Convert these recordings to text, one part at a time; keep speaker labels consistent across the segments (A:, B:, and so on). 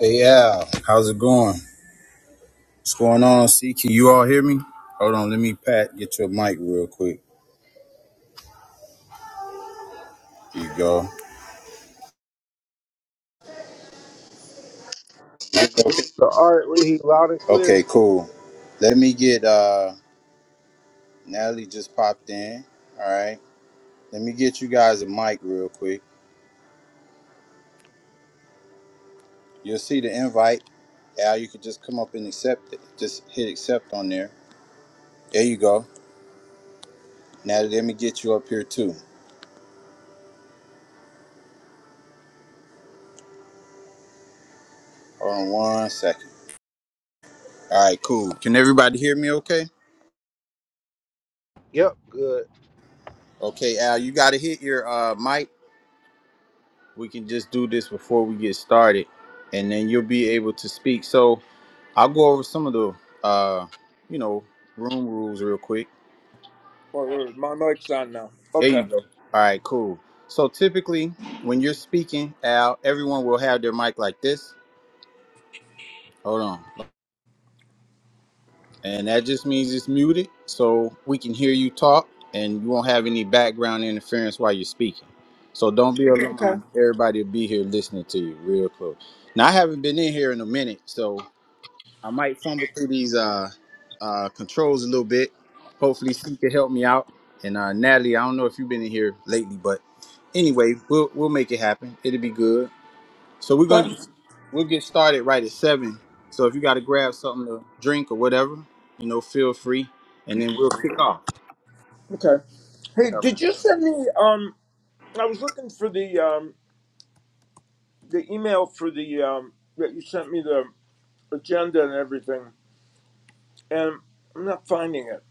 A: Hey, Al, how's it going? What's going on, C? Can you all hear me? Hold on, let me pat get your mic real quick. There you go.
B: The art we hear loud and clear.
A: Okay, cool. Let me get uh Natalie just popped in. All right. Let me get you guys a mic real quick. You'll see the invite. Al, you can just come up and accept it. Just hit accept on there. There you go. Natalie, let me get you up here too. Hold on one second. All right, cool. Can everybody hear me okay?
B: Yep, good.
A: Okay, Al, you gotta hit your uh mic we can just do this before we get started and then you'll be able to speak so i'll go over some of the uh you know room rules real quick
C: Well, there- my mic's on now.
A: there you
C: Okay.
A: go all right cool so typically when you're speaking al everyone will have their mic like this hold on and that just means it's muted so we can hear you talk and you won't have any background interference while you're speaking so don't be
C: Okay.
A: alarmed everybody will be here listening to you real close now i haven't been in here in a minute so I might fumble through these uh, uh, controls a little bit. Hopefully, she can help me out. And uh, Natalie, I don't know if you've been in here lately, but anyway, we'll we'll make it happen. It'll be good. So we're gonna
C: Okay.
A: get, we'll get started right at seven. So if you got to grab something to drink or whatever, you know, feel free, and then we'll kick off.
C: Okay. Hey,
A: All right.
C: did you send me? Um, I was looking for the um the email for the um that you sent me the agenda and everything, and I'm not finding it.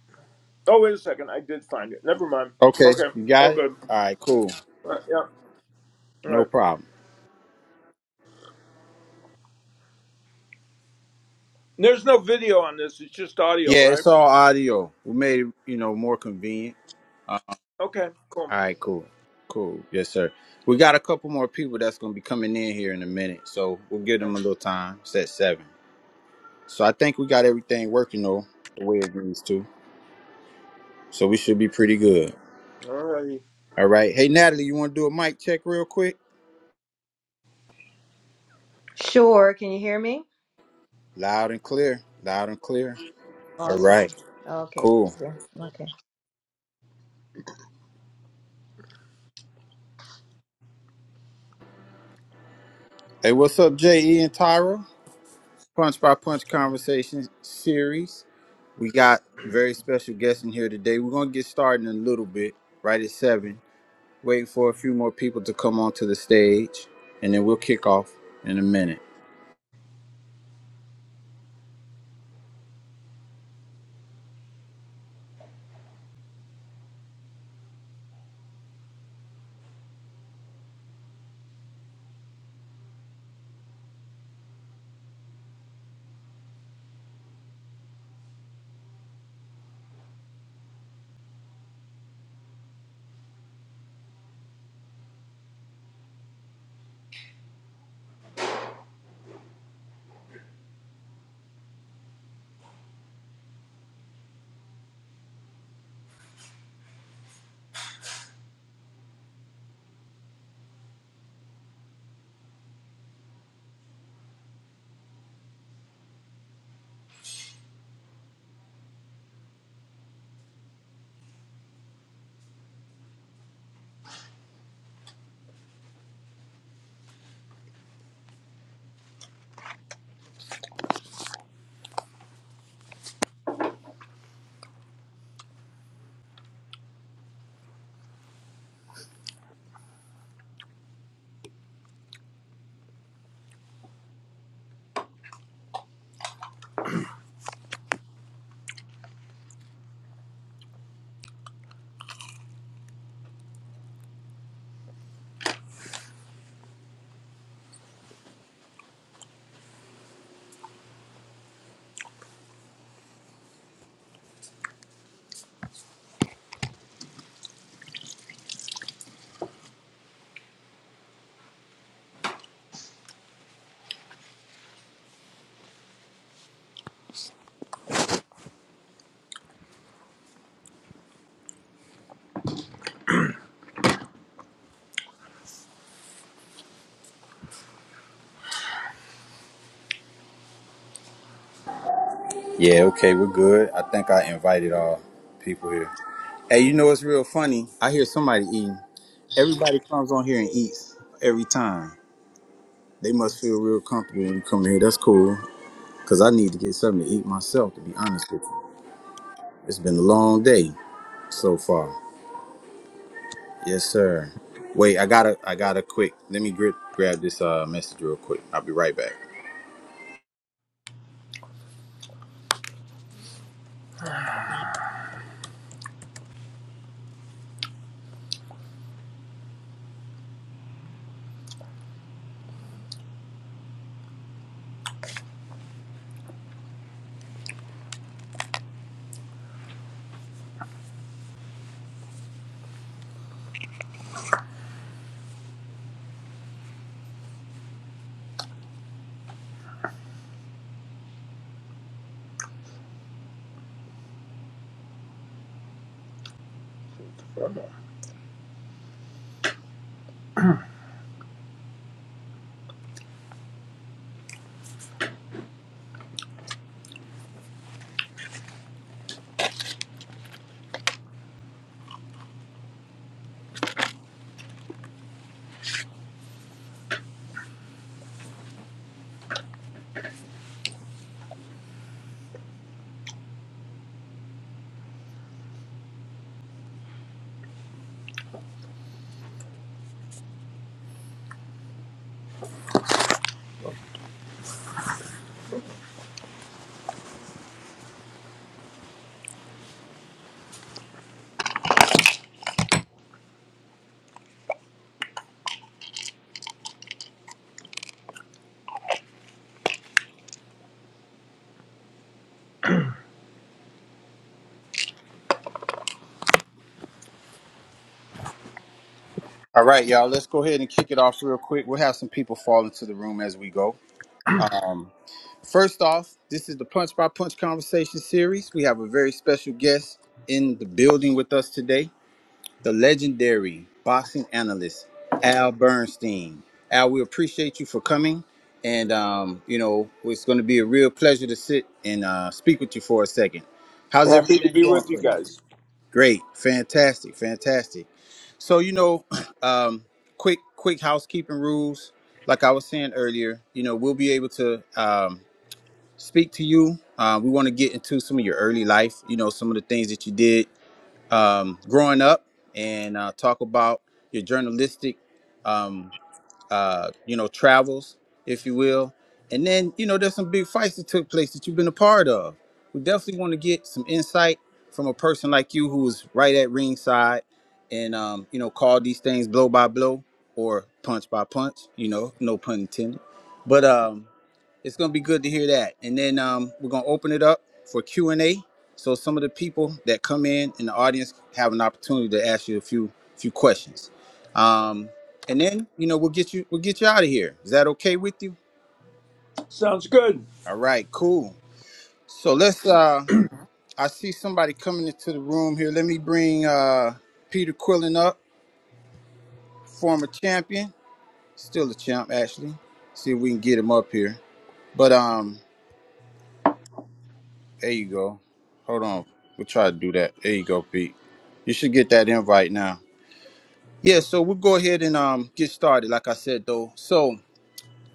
C: Oh, wait a second. I did find it. Never mind.
A: Okay,
C: Okay.
A: you
C: All
A: got it.
C: good.
A: All right, cool,
C: All right, yeah. All
A: no
C: right.
A: problem.
C: There's no video on this. It's just audio,
A: Yeah,
C: right?
A: it's all audio. We made it, you know, more convenient.
C: Okay. Cool.
A: All right, cool. Cool. Yes, sir. We got a couple more people that's going to be coming in here in a minute. So we'll give
C: Okay.
A: them a little time. It's at seven. So I think we got everything working, though, the way it needs to. So we should be pretty good.
C: All righty.
A: All right. Hey, Natalie, you want to do a mic check real quick?
D: Sure. Can you hear me?
A: Loud and clear. Loud and clear. All
D: Awesome.
A: right.
D: Okay.
A: Cool.
D: thank Okay.
A: Hey, what's up, J.E. and Tyra? Punch by Punch Conversation series. We got very special guests in here today. We're going to get started in a little bit, right at seven. Wait for a few more people to come onto the stage, and then we'll kick off in a minute. Yeah, okay, we're good. I think I invited all people here. Hey, you know what's real funny? I hear somebody eating. Everybody comes on here and eats every time. They must feel real comfortable when you come here. That's cool, because I need to get something to eat myself, to be honest with you. It's been a long day so far. Yes, sir. Wait, I gotta, I gotta quick. Let me grip, grab this uh, message real quick. I'll be right back. All right, y'all. Let's go ahead and kick it off real quick. We'll have some people fall into the room as we go. Um, first off, this is the Punch by Punch Conversation series. We have a very special guest in the building with us today, the legendary boxing analyst Al Bernstein. Al, we appreciate you for coming, and um, you know it's going to be a real pleasure to sit and uh, speak with you for a second. How's
C: Happy to
A: everything
C: be
A: going
C: with you
A: for you?
C: guys.
A: Great, fantastic, fantastic. So you know, um, quick quick housekeeping rules. Like I was saying earlier, you know, we'll be able to um, speak to you. Uh, we want to get into some of your early life. You know, some of the things that you did um, growing up, and uh, talk about your journalistic. um, uh, you know, travels, if you will. And then, you know, there's some big fights that took place that you've been a part of. We definitely want to get some insight from a person like you who was right at ringside and, um, you know, called these things blow by blow or punch by punch, you know, no pun intended. But, um, it's gonna be good to hear that. And then um, we're gonna open it up for Q and A. So some of the people that come in in the audience have an opportunity to ask you a few few questions. Um, and then you know we'll get you we'll get you out of here. Is that okay with you?
C: Sounds good.
A: All right, cool. So let's. Uh, I see somebody coming into the room here. Let me bring uh, Peter Quillen up, former champion, still a champ actually. See if we can get him up here. But um, There you go. Hold on. We'll try to do that. There you go, Pete. You should get that invite now. Yeah, so we'll go ahead and um get started, like I said though. So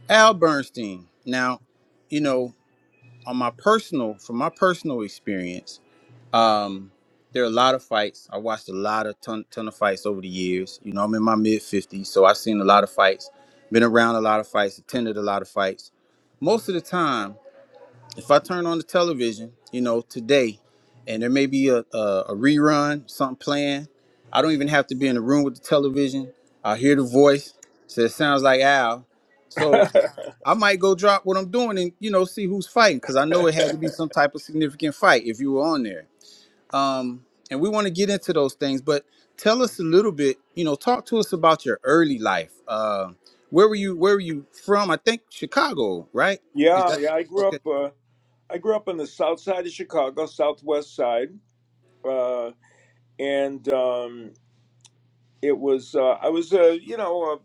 A: Al Bernstein. Now, you know, on my personal from my personal experience, um, there are a lot of fights. I watched a lot of ton ton of fights over the years. You know, I'm in my mid fifties, so I've seen a lot of fights, been around a lot of fights, attended a lot of fights. Most of the time if I turn on the television, you know, today, and there may be a, a, a rerun, something playing, I don't even have to be in the room with the television. I hear the voice, so it sounds like Al. So I might go drop what I'm doing and you know see who's fighting because I know it had to be some type of significant fight if you were on there. Um, and we want to get into those things, but tell us a little bit. You know, talk to us about your early life. Uh, where were you? Where were you from? I think Chicago, right? Is
C: yeah,
A: that
C: yeah. I grew
A: okay?
C: up. Uh, I grew up on the south side of Chicago, southwest side, uh, and um, it was uh, I was a you know a,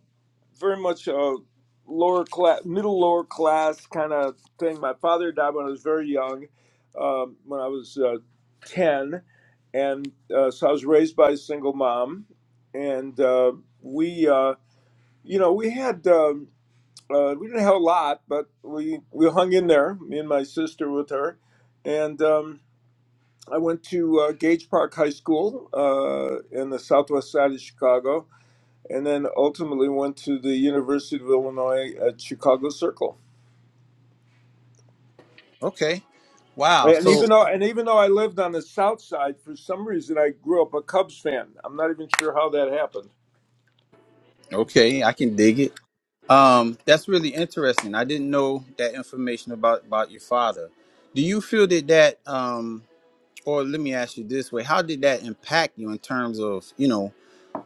C: very much a lower class, middle lower class kind of thing. My father died when I was very young, um, when I was uh, ten, and uh, so I was raised by a single mom, and uh, we uh, you know we had. Um, uh, we didn't have a lot, but we, we hung in there, me and my sister with her. And Um, I went to uh, Gage Park High School uh, in the southwest side of Chicago, and then ultimately went to the University of Illinois at Chicago Circle.
A: Okay. Wow.
C: And
A: So
C: even though and even though I lived on the south side, for some reason I grew up a Cubs fan. I'm not even sure how that happened.
A: okay, I can dig it. Um, that's really interesting. I didn't know that information about about your father. Do you feel that that um, or let me ask you this way: How did that impact you in terms of you know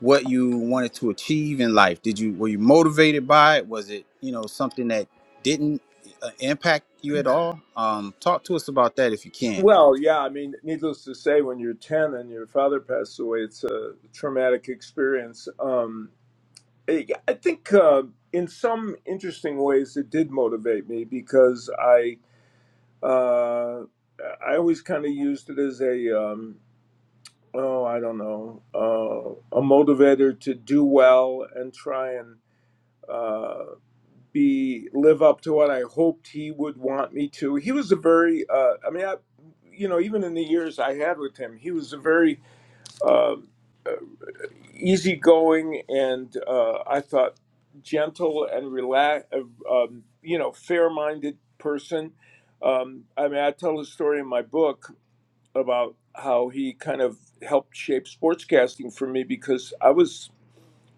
A: what you wanted to achieve in life? Did you were you motivated by it? Was it you know something that didn't uh, impact you at all? Um, talk to us about that if you can.
C: Well, yeah, I mean, needless to say, when you're 10 and your father passed away, it's a traumatic experience. Um, I I think uh, in some interesting ways it did motivate me because I Uh, I always kind of used it as a um, oh, I don't know, uh, a motivator to do well and try and uh, be live up to what I hoped he would want me to. He was a very, uh, I mean, I, you know, even in the years I had with him, he was a very um, uh, easygoing and uh, I thought gentle and relax, uh, um, you know, fair-minded person. Um, I mean, I tell the story in my book about how he kind of helped shape sportscasting for me because I was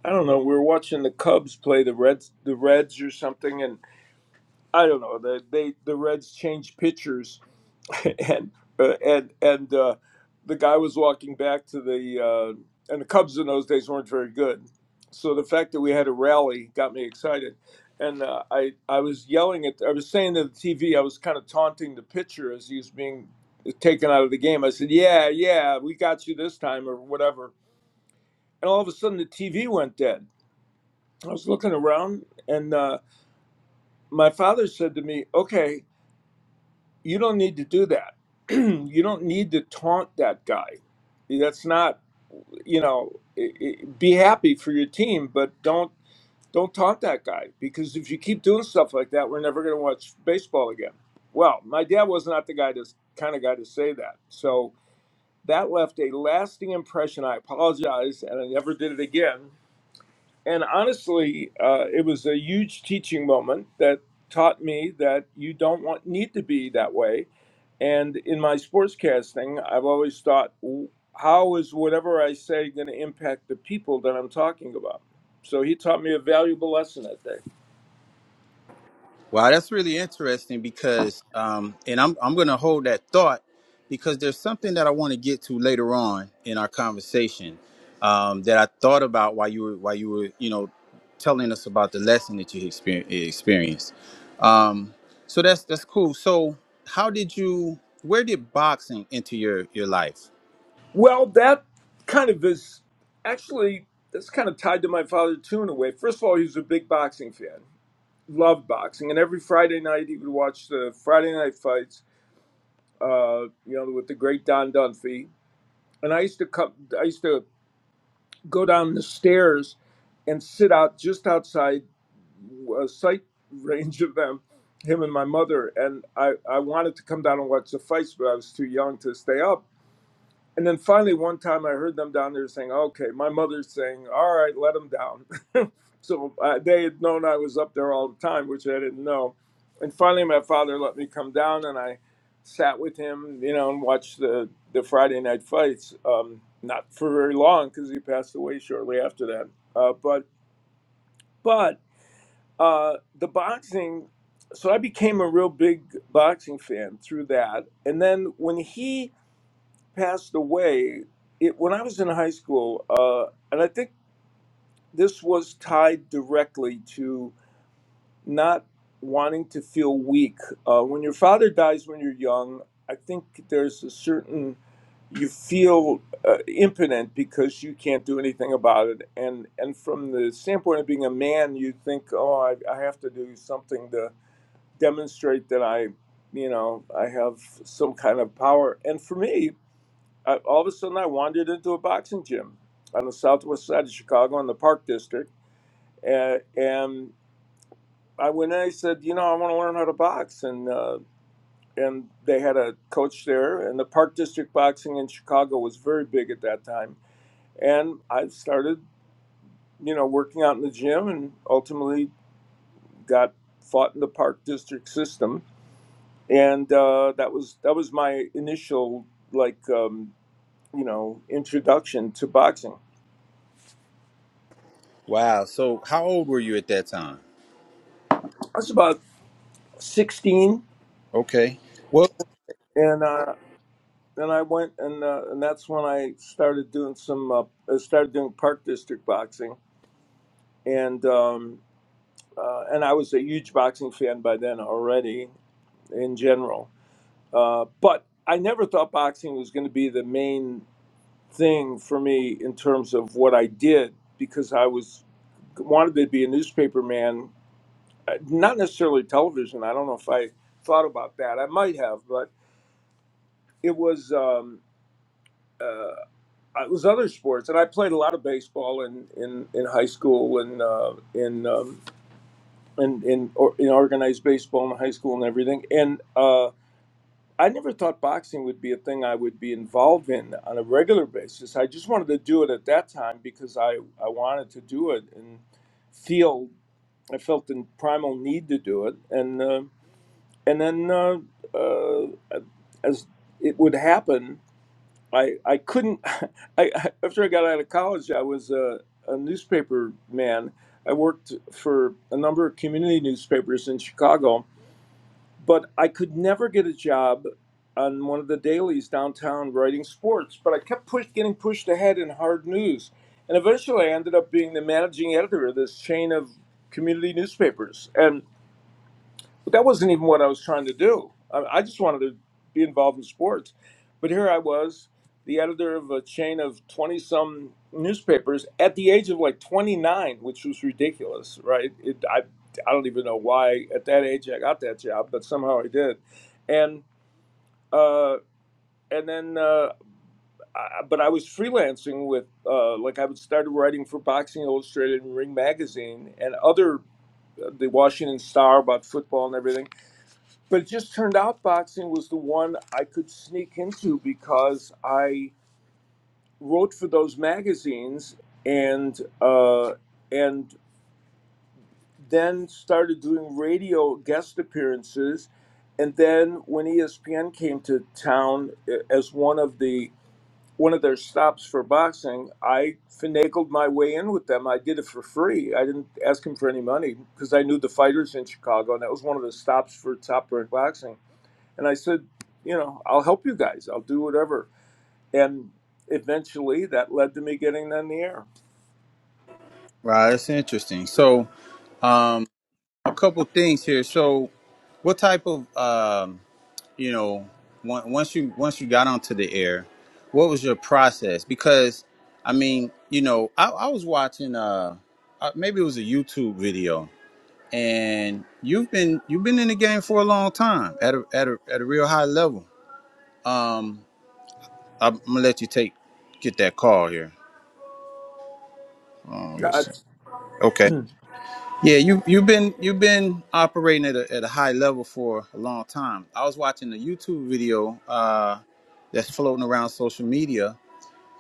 C: I don't know we were watching the Cubs play the Reds the Reds or something and I don't know the they the Reds changed pitchers and uh, and and uh, the guy was walking back to the uh, and the Cubs in those days weren't very good, so the fact that we had a rally got me excited, and uh, I I was yelling at I was saying to the TV I was kind of taunting the pitcher as he was being taken out of the game. I said, "Yeah, yeah, we got you this time," or whatever, and all of a sudden the TV went dead. I was looking around, and uh, my father said to me, "Okay." you don't need to do that. you don't need to taunt that guy. That's not, you know, i i be happy for your team, but don't don't taunt that guy because if you keep doing stuff like that, we're never going to watch baseball again. Well, my dad was not the guy to kind of guy to say that. So that left a lasting impression. I apologize, and I never did it again and honestly, uh, it was a huge teaching moment that taught me that you don't want need to be that way. And in my sportscasting, I've always thought, "W- how is whatever I say going to impact the people that I'm talking about? So he taught me a valuable lesson that day.
A: Wow, that's really interesting because, um, and I'm I'm going to hold that thought because there's something that I want to get to later on in our conversation um, that I thought about while you were while you were you know telling us about the lesson that you exper- experienced. Um, so that's that's cool. So how did you? Where did boxing enter your your life?
C: Well, that kind of is actually that's kind of tied to my father too in a way. First of all, he was a big boxing fan, loved boxing, and every Friday night he would watch the Friday night fights uh, you know, with the great Don Dunphy. And I used to come, I used to go down the stairs and sit out just outside uh, sight range of them, him and my mother. And I, I wanted to come down and watch the fights, but I was too young to stay up. And then finally, one time I heard them down there saying, okay, my mother's saying, all right, let them down. so uh, they had known I was up there all the time, which I didn't know. And finally, my father let me come down and I sat with him, you know, and watched the, the Friday night fights. Um, not for very long because he passed away shortly after that. Uh, but but uh, the boxing, so I became a real big boxing fan through that. And then when he, passed away it, when I was in high school, uh, and I think this was tied directly to not wanting to feel weak. Uh, when your father dies when you're young, I think there's a certain you feel uh, impotent because you can't do anything about it, and and from the standpoint of being a man, you think, oh, I, I have to do something to demonstrate that I, you know, I have some kind of power. And for me, I, all of a sudden, I wandered into a boxing gym on the southwest side of Chicago in the Park District, and, and I went in. I said, "You know, I want to learn how to box." And uh, and they had a coach there, and the Park District boxing in Chicago was very big at that time. And I started, you know, working out in the gym, and ultimately got fought in the Park District system. And uh, that was that was my initial like um, you know introduction to boxing.
A: Wow. So how old were you at that time?
C: That's about 16
A: Okay. Well,
C: and uh and I went and uh, and that's when I started doing some uh, I started doing park district boxing and um uh, and I was a huge boxing fan by then already in general uh but I never thought boxing was going to be the main thing for me in terms of what I did because I was wanted to be a newspaper man uh, not necessarily television I don't know if I thought about that I might have but it was um uh, uh, it was other sports, and I played a lot of baseball in in, in high school and uh, in um, in in, or, in organized baseball in high school and everything. And uh, I never thought boxing would be a thing I would be involved in on a regular basis. I just wanted to do it at that time because I I wanted to do it and feel I felt the primal need to do it, and uh, and then uh, uh, as it would happen I I couldn't. I I- after I got out of college, I was a, a newspaper man. I worked for a number of community newspapers in Chicago, but I could never get a job on one of the dailies downtown writing sports. But I kept push, getting pushed ahead in hard news, and eventually I ended up being the managing editor of this chain of community newspapers. And. But that wasn't even what I was trying to do. I, I just wanted to be involved in sports. But here I was, the editor of a chain of 20 some newspapers at the age of like 29, which was ridiculous, right? It, I, I don't even know why at that age I got that job, but somehow I did. And, uh, and then, uh, I, but I was freelancing with, uh, like, I would started writing for Boxing Illustrated and Ring Magazine and other, uh, the Washington Star about football and everything but it just turned out boxing was the one I could sneak into because I wrote for those magazines and uh, and then started doing radio guest appearances. And then when ESPN came to town eh, as one of the one of their stops for boxing, I finagled my way in with them. I did it for free. I didn't ask them for any money because I knew the fighters in Chicago, and that was one of the stops for Top Rank Boxing and I said, you know, I'll help you guys. I'll do whatever. And eventually that led to me getting on the air.
A: wow, that's interesting. So um, a couple things here. So What type of um, you know on- once you once you got onto the air, what was your process? Because I mean, you know, I, I was watching uh uh, maybe it was a YouTube video, and you've been you've been in the game for a long time at a at a at a real high level. Um, I'm gonna let you take get that call here. Oh, yes.
C: That's,
A: Yeah, you you've been you've been operating at a, at a high level for a long time. I was watching a YouTube video uh, that's floating around social media,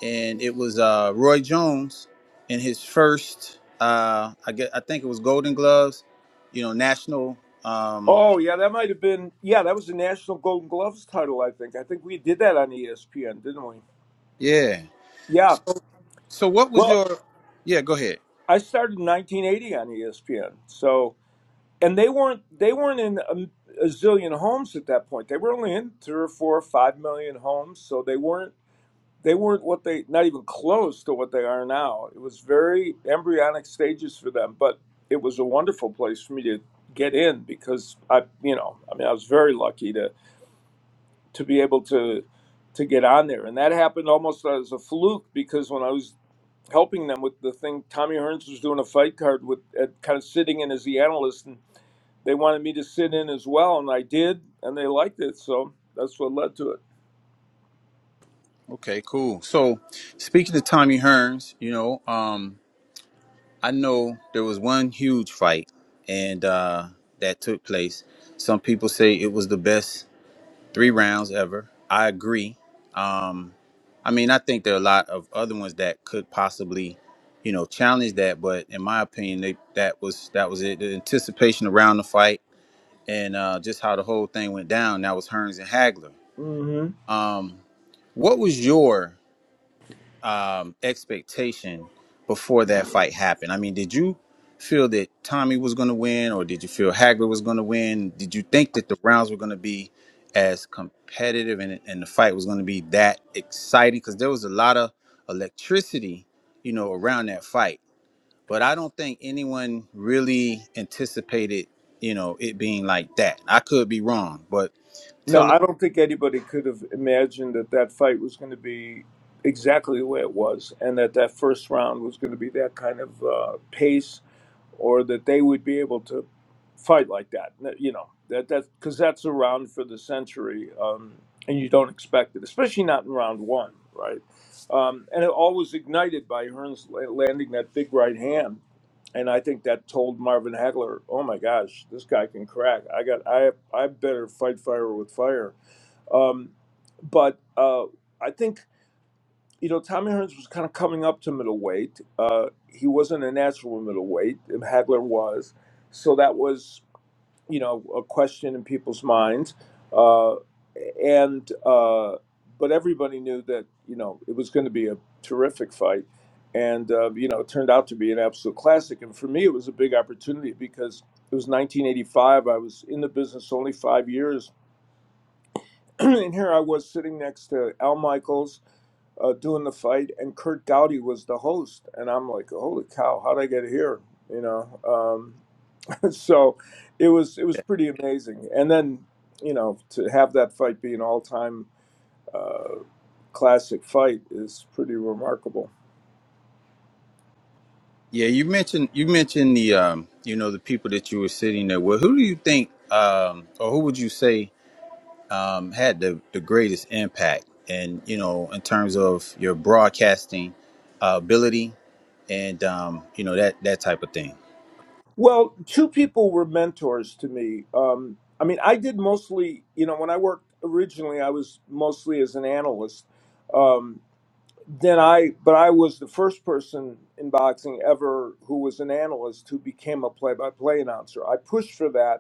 A: and it was uh, Roy Jones in his first, uh, I guess, I think it was Golden Gloves, you know, national. Um,
C: oh, yeah, that might have been, yeah, that was the National Golden Gloves title, I think. I think we did that on ESPN, didn't we?
A: yeah.
C: Yeah.
A: So so what was
C: Well,
A: your? Yeah, go ahead.
C: I started in 1980 on ESPN. So, and they weren't, they weren't in a, a zillion homes at that point. They were only in three or four or five million homes. So they weren't they weren't what they not even close to what they are now. It was very embryonic stages for them, but it was a wonderful place for me to get in because I, you know, I mean, I was very lucky to to be able to to get on there, and that happened almost as a fluke because when I was helping them with the thing, Tommy Hearns was doing a fight card with at, kind of sitting in as the analyst, and they wanted me to sit in as well, and I did, and they liked it, so that's what led to it.
A: Okay, cool. So speaking to Tommy Hearns, you know. Um, I know there was one huge fight, and uh, that took place. Some people say it was the best three rounds ever. I agree. Um, I mean, I think there are a lot of other ones that could possibly, you know, challenge that. But in my opinion, they, that was that was it. The anticipation around the fight and uh, just how the whole thing went down. That was Hearns and Hagler.
C: Hmm.
A: Um, what was your um, expectation before that fight happened? I mean, did you feel that Tommy was going to win, or did you feel Hagler was going to win? Did you think that the rounds were going to be as competitive and, and the fight was going to be that exciting? Because there was a lot of electricity, you know, around that fight. But I don't think anyone really anticipated, you know, it being like that. I could be wrong, but
C: No,
A: tell us.
C: I don't think anybody could have imagined that that fight was going to be exactly the way it was, and that that first round was going to be that kind of uh, pace or that they would be able to fight like that. You know that that because that's around for the century, um, and you don't expect it, especially not in round one, right? Um, and it all was ignited by Hearns la- landing that big right hand, and I think that told Marvin Hagler, "Oh my gosh, this guy can crack. I got I I better fight fire with fire." Um, but uh, I think you know, Tommy Hearns was kind of coming up to middleweight. Uh, he wasn't a natural middleweight. Hagler was, so that was you know a question in people's minds. Uh, and uh, but everybody knew that you know it was going to be a terrific fight, and uh, you know it turned out to be an absolute classic. And for me, it was a big opportunity because it was 1985. I was in the business only five years, and here I was sitting next to Al Michaels uh, doing the fight, and Kurt Dowdy was the host. And I'm like, holy cow, how'd I get here? You know, um, so it was it was pretty amazing. And then you know to have that fight be an all time uh, classic fight is pretty remarkable.
A: Yeah, you mentioned you mentioned the um, you know, the people that you were sitting there with. Who do you think um or who would you say um had the, the greatest impact and you know, in terms of your broadcasting uh, ability and um, you know, that that type of thing.
C: Well, two people were mentors to me. Um, I mean, I did mostly, you know, when I worked originally, I was mostly as an analyst. Um, then I, but I was the first person in boxing ever who was an analyst who became a play by play announcer. I pushed for that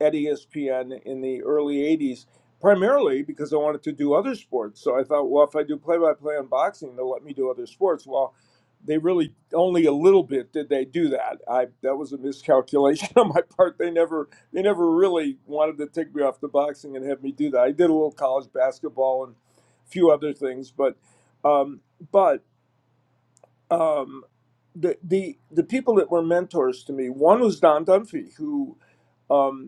C: at ESPN in the early 80s, primarily because I wanted to do other sports. So I thought, well, if I do play by play on boxing, they'll let me do other sports. Well, they really only a little bit did they do that. I that was a miscalculation on my part. They never they never really wanted to take me off the boxing and have me do that. I did a little college basketball and a few other things, but um, but um, the the the people that were mentors to me, one was Don Dunphy, who um,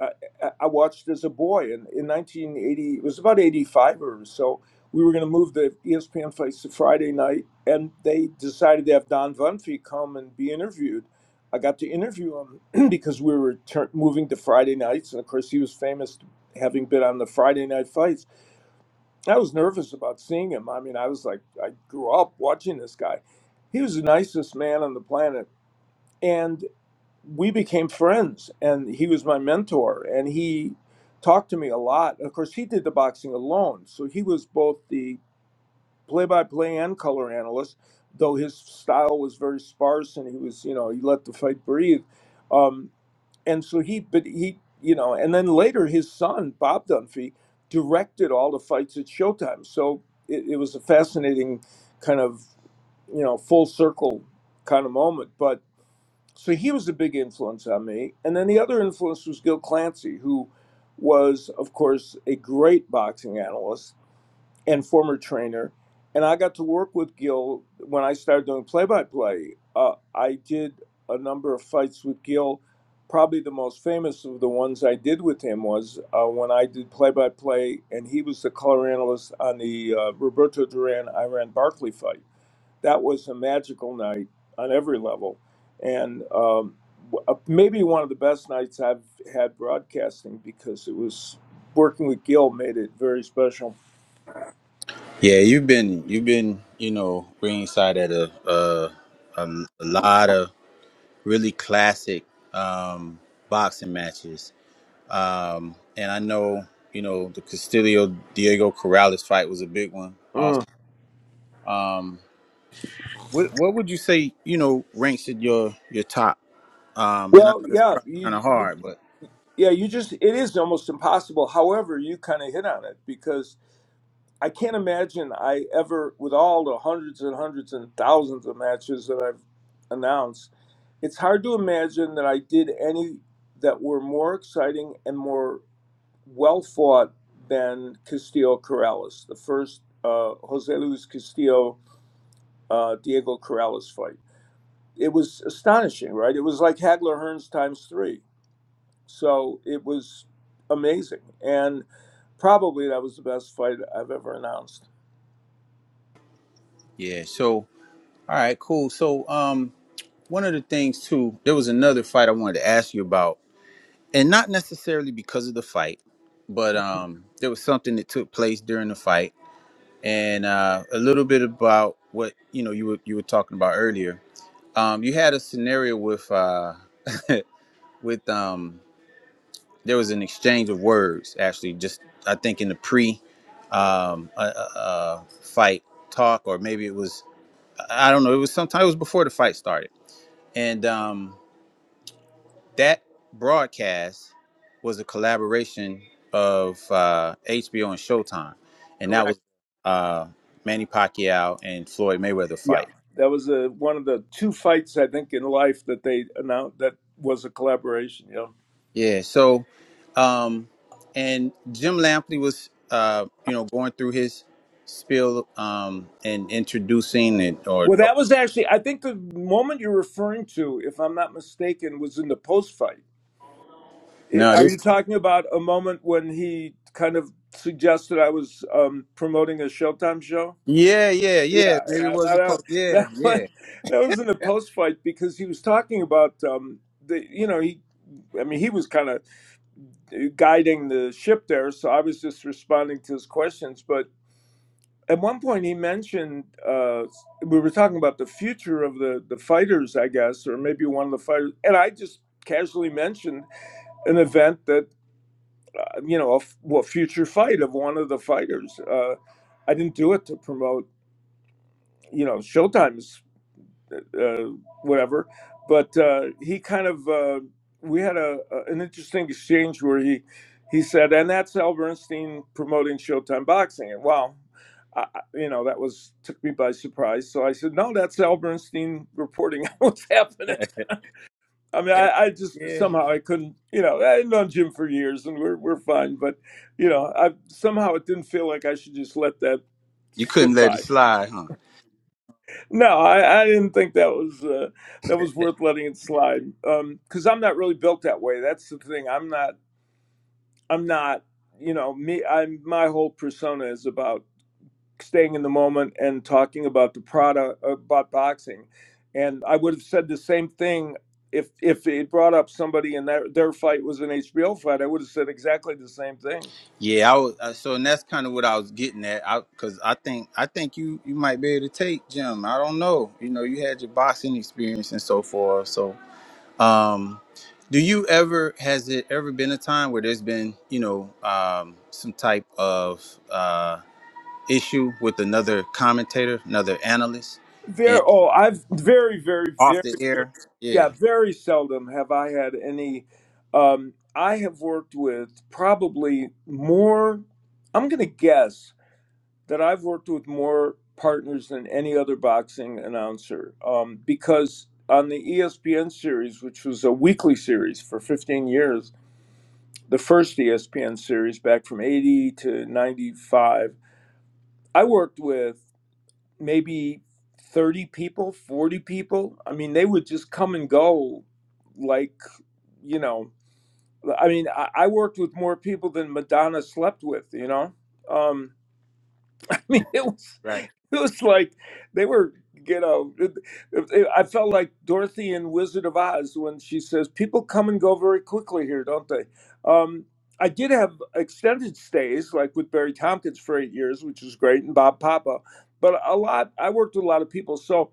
C: I, I watched as a boy in, in 1980. It was about 85 or so. We were going to move the ESPN fights to Friday night, and they decided to have Don Vunphy come and be interviewed. I got to interview him because we were tur moving to Friday nights, and of course he was famous having been on the Friday Night Fights. I was nervous about seeing him. I mean, I was like, I grew up watching this guy. He was the nicest man on the planet, and we became friends and he was my mentor and he talked to me a lot of course he did the boxing alone so he was both the play-by-play and color analyst though his style was very sparse and he was you know he let the fight breathe um, and so he but he you know and then later his son bob dunphy directed all the fights at showtime so it, it was a fascinating kind of you know full circle kind of moment but so he was a big influence on me. And then the other influence was Gil Clancy, who was, of course, a great boxing analyst and former trainer. And I got to work with Gil when I started doing play by play. I did a number of fights with Gil. Probably the most famous of the ones I did with him was uh, when I did play by play, and he was the color analyst on the uh, Roberto Duran Iran Barkley fight that was a magical night on every level, and um, w- uh, maybe one of the best nights I've had broadcasting because it was working with Gil made it very special.
A: Yeah, you've been you've been, you know, ringside at a a, a, a lot of really classic um boxing matches Um, and I know, you know, the Castillo Diego Corrales fight was a big one. Also,
C: Mm.
A: um, what what would you say, you know, ranks at your your top? Um, and I
C: Well,
A: know it's
C: yeah,
A: probably kind
C: you,
A: of
C: you,
A: hard, but
C: yeah, you just it is almost impossible. However, you kind of hit on it because I can't imagine I ever, with all the hundreds and hundreds and thousands of matches that I've announced, it's hard to imagine that I did any that were more exciting and more well fought than Castillo Corrales, the first uh, Jose Luis Castillo uh, Diego Corrales fight. It was astonishing, right? It was like Hagler Hearns times three. So it was amazing. And probably that was the best fight I've ever announced.
A: yeah. So, all right, cool. So, um, one of the things too, there was another fight I wanted to ask you about, and not necessarily because of the fight, but um, there was something that took place during the fight, and uh, a little bit about what you know you were you were talking about earlier Um, you had a scenario with uh, with um, there was an exchange of words actually. Just I think in the pre um, uh, uh, uh, fight talk, or maybe it was I I don't know. It was sometime it was before the fight started, and um, that broadcast was a collaboration of uh, HBO and Showtime, and that
C: Correct.
A: was uh, Manny Pacquiao and Floyd Mayweather fight.
C: Yeah. That was a, one of the two fights, I think, in life that they announced that was a collaboration. Yeah.
A: Yeah. So, um, and Jim Lampley was, uh, you know, going through his spiel um, and introducing it, or,
C: Well,
A: or
C: that was actually, I think the moment you're referring to, if I'm not mistaken, was in the post fight I-
A: no,
C: Are
A: this.
C: you talking about a moment when he kind of suggested I was um, promoting a Showtime show?
A: Yeah, yeah, yeah.
C: Yeah,
A: Maybe it
C: yeah,
A: was the
C: that, uh,
A: post. Yeah,
C: that one,
A: yeah,
C: that was in a post fight because he was talking about um, the, you know, he, I mean, he was kind of guiding the ship there, so I was just responding to his questions. But at one point, he mentioned uh, we were talking about the future of the the fighters, I guess, or maybe one of the fighters, and I just casually mentioned an event that. uh, you know, a f- well, future fight of one of the fighters. Uh, I didn't do it to promote, you know, Showtime's uh, uh, whatever, but uh, he kind of uh, we had a, a an interesting exchange where he he said, and that's Al Bernstein promoting Showtime boxing, and wow. I, I- you know that was took me by surprise. So I said, "No, that's Al Bernstein reporting on what's happening." I mean, I, I just
A: yeah.
C: somehow I couldn't, you know, I've known Jim for years and we're, we're fine, but, you know, I somehow it didn't feel like I should just let that
A: You couldn't
C: skip
A: let it
C: by.
A: slide, huh?
C: No, I, I didn't think that was, uh, that was worth letting it slide. Um, cause I'm not really built that way. That's the thing. I'm not, I'm not, you know, me, I'm, my whole persona is about staying in the moment and talking about the product about boxing and i would have said the same thing if if it brought up somebody and their their fight was an hbo fight i would have said exactly the same thing
A: Yeah, I was. Uh, so, and that's kind of what I was getting at, I because I, think I think you you might be able to take Jim. I don't know. You know, you had your boxing experience and so forth, so Um, do you ever has it ever been a time where there's been you know um, some type of uh, issue with another commentator, another analyst, and
C: very oh i've very very
A: off
C: very
A: the air? Yeah,
C: yeah very seldom have i had any um i have worked with probably more i'm gonna guess that I've worked with more partners than any other boxing announcer um, because on the ESPN series, which was a weekly series for 15 years, the first ESPN series back from 80 to 95, I worked with maybe 30 people, 40 people. I mean, they would just come and go like, you know, I mean, I, I worked with more people than Madonna slept with, you know? Um, I mean, it was
A: right,
C: It was like they were, you know, it, it, I felt like Dorothy in Wizard of Oz when she says, "People come and go very quickly here, don't they?" Um, I did have extended stays, like with Barry Tompkins for eight years, which was great, and Bob Papa. But a lot, I worked with a lot of people, so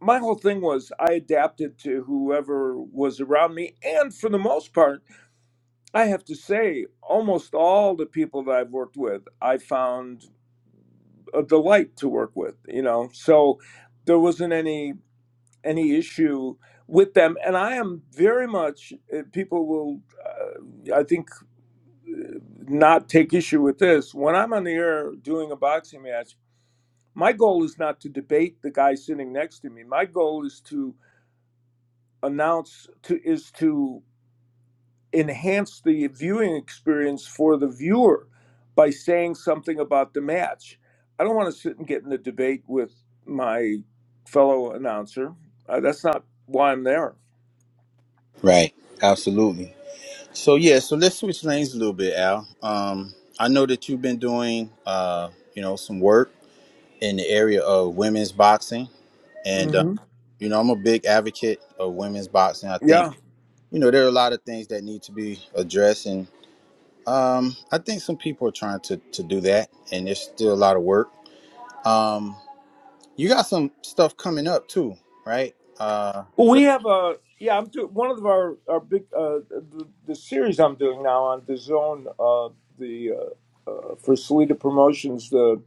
C: my whole thing was I adapted to whoever was around me, and for the most part, I have to say, almost all the people that I've worked with, I found a delight to work with you know so there wasn't any any issue with them and i am very much uh, people will uh, i think uh, not take issue with this when i'm on the air doing a boxing match my goal is not to debate the guy sitting next to me my goal is to announce to is to enhance the viewing experience for the viewer by saying something about the match. I don't want to sit and get in a debate with my fellow announcer. Uh, that's not why I'm there.
A: right, absolutely. So yeah, so let's switch lanes a little bit, Al. Um, I know that you've been doing uh, you know some work in the area of women's boxing, and uh,
C: hmm
A: you know I'm a big advocate of women's boxing. I think
C: Yeah.
A: you know there are a lot of things that need to be addressed Um, I think some people are trying to to do that, and there's still a lot of work. Um, you got some stuff coming up too, right? Uh,
C: Well,
A: re-
C: we have a yeah. I'm doing one of our our big uh, the, the series I'm doing now on the zone uh, the uh, uh, for Salida Promotions the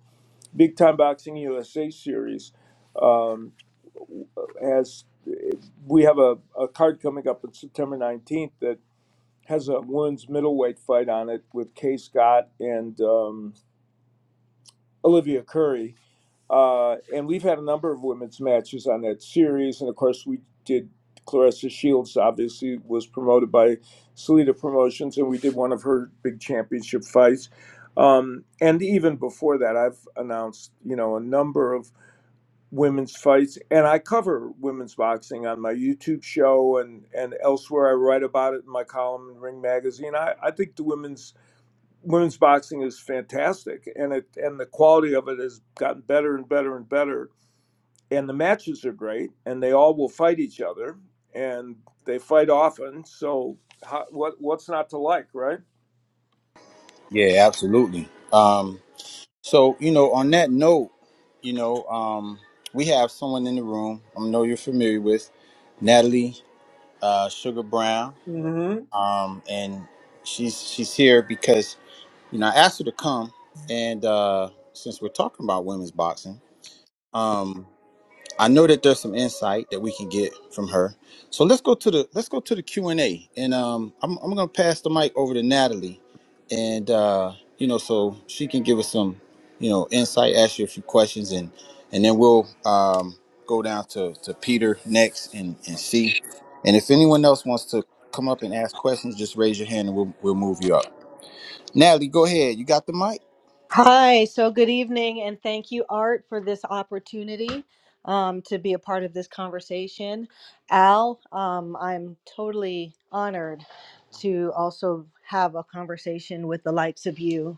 C: Big Time Boxing USA series. Um, as we have a, a card coming up on September 19th that has a women's middleweight fight on it with Kay Scott and um, Olivia Curry. Uh, and we've had a number of women's matches on that series. And of course, we did Clarissa Shields, obviously, was promoted by Salida Promotions, and we did one of her big championship fights. Um, and even before that, I've announced, you know, a number of women's fights and i cover women's boxing on my youtube show and and elsewhere i write about it in my column in ring magazine i i think the women's women's boxing is fantastic and it and the quality of it has gotten better and better and better and the matches are great and they all will fight each other and they fight often so how, what what's not to like right
A: yeah, absolutely. Um, so you know, on that note, you know, um, we have someone in the room. I know you're familiar with Natalie uh, Sugar Brown,
C: hmm
A: um, and she's she's here because you know I asked her to come, and uh, since we're talking about women's boxing. um. I know that there's some insight that we can get from her. So let's go to the let's go to the Q and A, and um, I'm I'm gonna pass the mic over to Natalie, and uh, you know, so she can give us some, you know, insight, ask you a few questions, and and then we'll um go down to to Peter next and and see, and if anyone else wants to come up and ask questions, just raise your hand and we'll we'll move you up. Natalie, go ahead. You got the mic.
D: Hi, so good evening, and thank you, Art, for this opportunity um, to be a part of this conversation. Al, um, I'm totally honored to also have a conversation with the likes of you.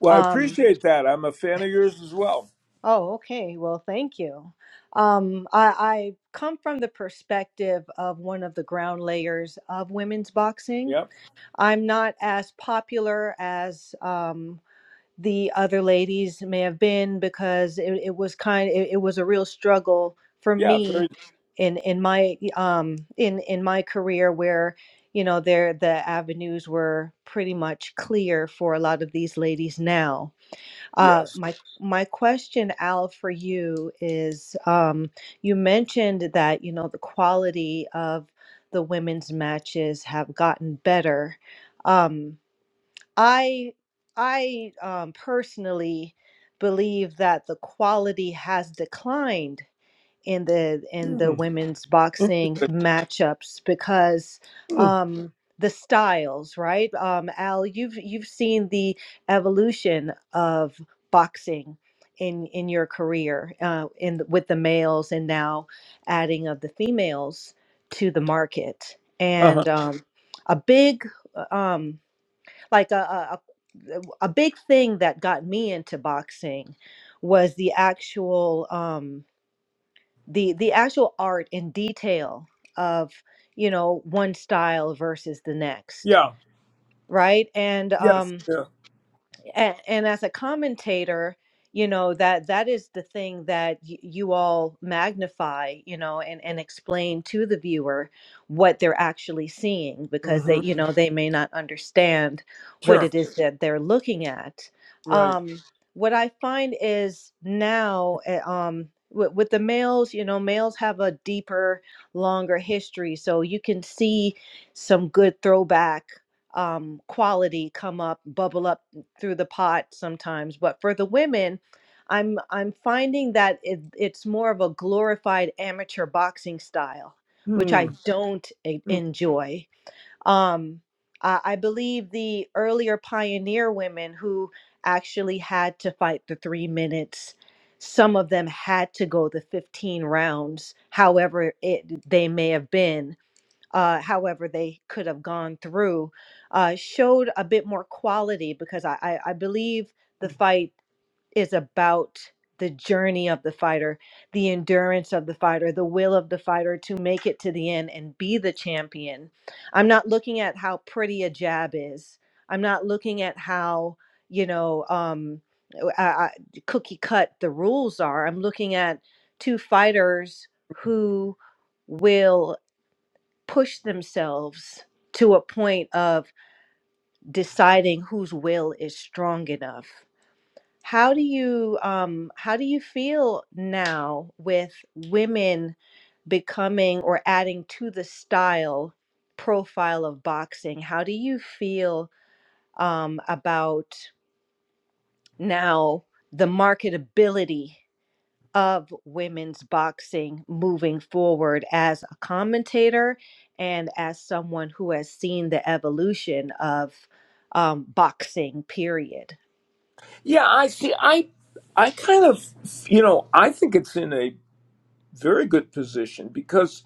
C: well i
D: Um,
C: appreciate that i'm a fan of yours as well
D: oh, okay. Well, thank you. Um, I, I come from the perspective of one of the ground layers of women's boxing.
C: yep
D: I'm not as popular as um, the other ladies may have been because it, it was kind it, it was a real struggle for
C: yeah very
D: me in in my um in in my career where you know there the avenues were pretty much clear for a lot of these ladies now uh,
C: yes
D: my my question, Al, for you is: um, you mentioned that you know the quality of the women's matches have gotten better. Um, I I um, personally believe that the quality has declined in the in the
C: Hmm.
D: women's boxing
C: interesting
D: matchups because um the styles right um al you've you've seen the evolution of boxing in in your career uh in the- with the males and now adding of the females to the market
C: huh.
D: and um a big uh, um like a, a a a big thing that got me into boxing was the actual um the the actual art and detail of you know one style versus the next
C: Yeah.
D: right and
C: Yes.
D: um
C: Yeah.
D: and, and as a commentator you know that that is the thing that y- you all magnify you know and, and explain to the viewer what they're actually seeing because they
C: hmm
D: you know they may not understand what
C: Sure.
D: it is that they're looking at
C: Right.
D: um, what i find is now eh, um, with, with the males you know males have a deeper longer history so you can see some good throwback um, quality come up, bubble up through the pot sometimes but for the women i'm i'm finding that it, it's more of a glorified amateur boxing style which i
C: Hmm.
D: Mhm. don't e- enjoy um I, I believe the earlier pioneer women who actually had to fight the three minutes some of them had to go the 15 rounds however it they may have been uh, however they could have gone through, uh, showed a bit more quality because I, I, I believe the fight is about the journey of the fighter, the endurance of the fighter, the will of the fighter to make it to the end and be the champion. I'm not looking at how pretty a jab is. I'm not looking at how, you know, um, I, I, cookie cut the rules are. I'm looking at two fighters who will push themselves to a point of deciding whose will is strong enough how do you um how do you feel now with women becoming or adding to the style profile of boxing how do you feel um about now the marketability of women's boxing moving forward as a commentator and as someone who has seen the evolution of um, boxing, period.
C: Yeah, I see. I I kind of, you know, I think it's in a very good position because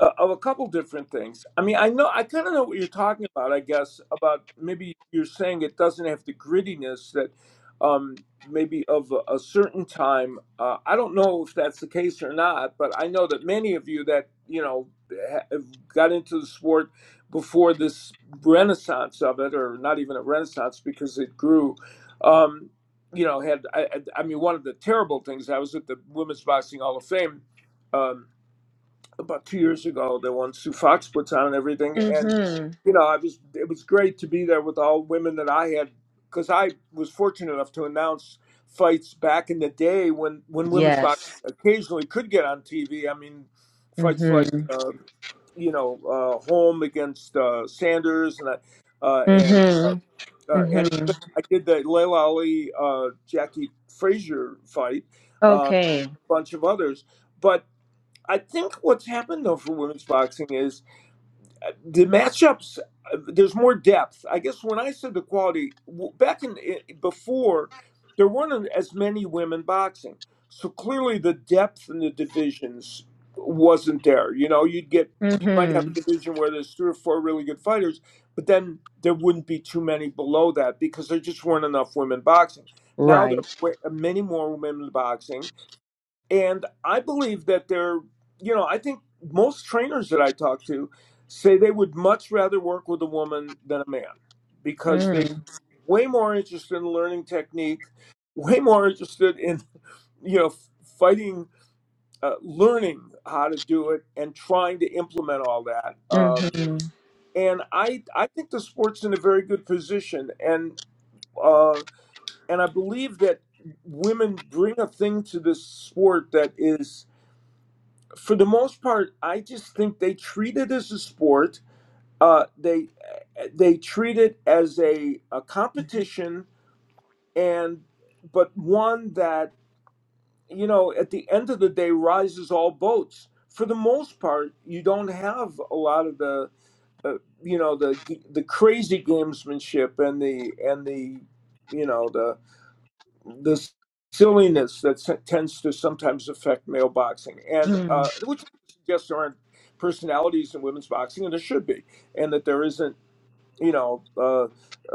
C: uh, of a couple different things. I mean, I know I kind of know what you're talking about. I guess about maybe you're saying it doesn't have the grittiness that um, maybe of a, a certain time. Uh, I don't know if that's the case or not, but I know that many of you that you know ha- have got into the sport before this renaissance of it, or not even a renaissance because it grew. Um, you know, had I, I I mean, one of the terrible things. I was at the Women's Boxing Hall of Fame. Um, about two years ago the one Sue Fox puts on and everything. And
D: Mm-hmm.
C: you know, I was it was great to be there with all women that I had because I was fortunate enough to announce fights back in the day when when women's boxing
D: Yes.
C: occasionally could get on TV. I mean, fights like
D: Mm-hmm.
C: uh, you know uh, Holm against uh, Sanders and I- uh, and uh,
D: Mm-hmm.
C: uh, and
D: Mm-hmm.
C: even I did the Leila Ali uh, Jackie Frazier fight um,
D: Okay.
C: and a bunch of others. but. I think what's happened though for women's boxing is uh, the matchups. uh, There's more depth. I guess when I said the quality w- back in i- before, there weren't as many women boxing, so clearly the depth in the divisions wasn't there. You know, you'd get you might have a
D: Mm-hmm.
C: division where there's three or four really good fighters, but then there wouldn't be too many below that because there just weren't enough women boxing. Now there are
D: Right.
C: wa- many more women boxing and I believe that they're, you know, I think most trainers that I talk to say they would much rather work with a woman than a man because they are
D: Mm-hmm.
C: way more interested in learning technique, way more interested in, you know, fighting, uh, learning how to do it and trying to implement all that. Um,
D: Mm-hmm.
C: and I, I think the sport's in a very good position. And, uh, and I believe that women bring a thing to this sport that is for the most part, I just think they treat it as a sport. Uh, they they treat it as a, a competition, and but one that you know at the end of the day rises all boats. For the most part, you don't have a lot of the uh, you know the the crazy gamesmanship and the and the you know the the silliness that s- tends to sometimes affect male boxing, and uh,
D: Mm.
C: which suggests there aren't personalities in women's boxing, and there should be, and that there isn't, you know, uh,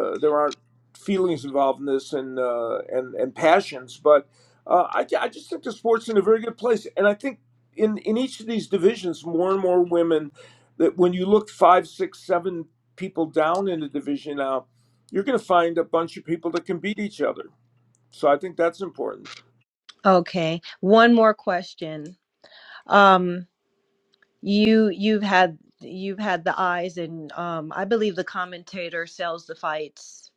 C: uh, there aren't feelings involved in this and uh, and and passions. But uh, I, ju- I just think the sport's in a very good place, and I think in in each of these divisions, more and more women. That when you look five, six, seven people down in the division now, you're going to find a bunch of people that can beat each other so I think that's important.
D: Okay. One more question. Um, You you've had you've had the eyes and um I believe the commentator sells the fights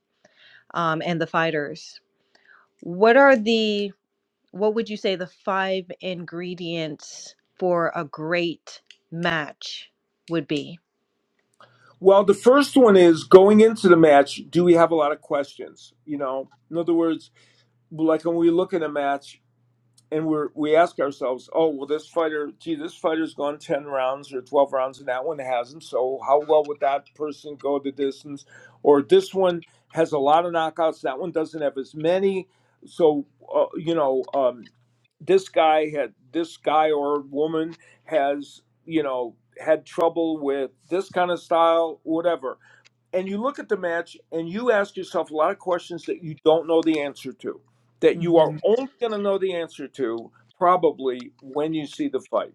D: um and the fighters. What are the what would you say the five ingredients for a great match would be?
C: Well, the first one is going into the match, do we have a lot of questions? You know, in other words, like when we look at a match and we're, we ask ourselves, oh, well, this fighter, gee, this fighter's gone 10 rounds or 12 rounds and that one hasn't. So how well would that person go the distance? Or this one has a lot of knockouts, that one doesn't have as many. So, uh, you know, um, this guy had this guy or woman has you know had trouble with this kind of style whatever and you look at the match and you ask yourself a lot of questions that you don't know the answer to that you are
D: hmm
C: only going to know the answer to probably when you see the fight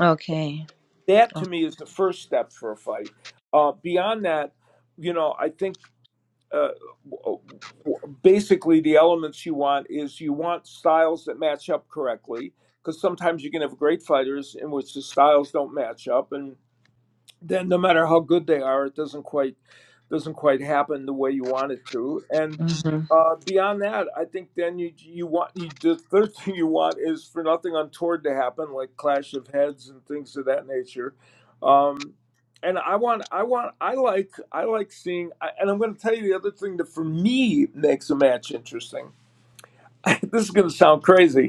D: Okay.
C: that
D: Oh,
C: to me is the first step for a fight uh, beyond that you know i think uh, basically the elements you want is you want styles that match up correctly because sometimes you can have great fighters in which the styles don't match up and then no matter how good they are, it doesn't quite doesn't quite happen the way you want it to. And
D: mhm.
C: uh, beyond that, I think then you you want you, the third thing you want is for nothing untoward to happen, like clash of heads and things of that nature. Um, and I want I want I like I like seeing. I, and I'm going to tell you the other thing that for me makes a match interesting. this is going to sound crazy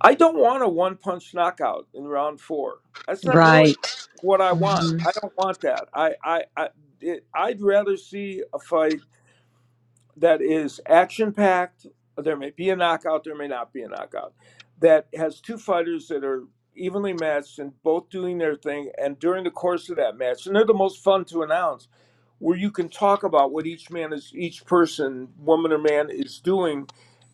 C: I don't want a one punch knockout in round four. That's not really
D: Right.
C: what I want.
D: hmm
C: I don't want that. I, I, I it, I'd rather see a fight that is action packed. There may be a knockout, there may not be a knockout. That has two fighters that are evenly matched and both doing their thing. And during the course of that match, and they're the most fun to announce, where you can talk about what each man is, each person, woman or man, is doing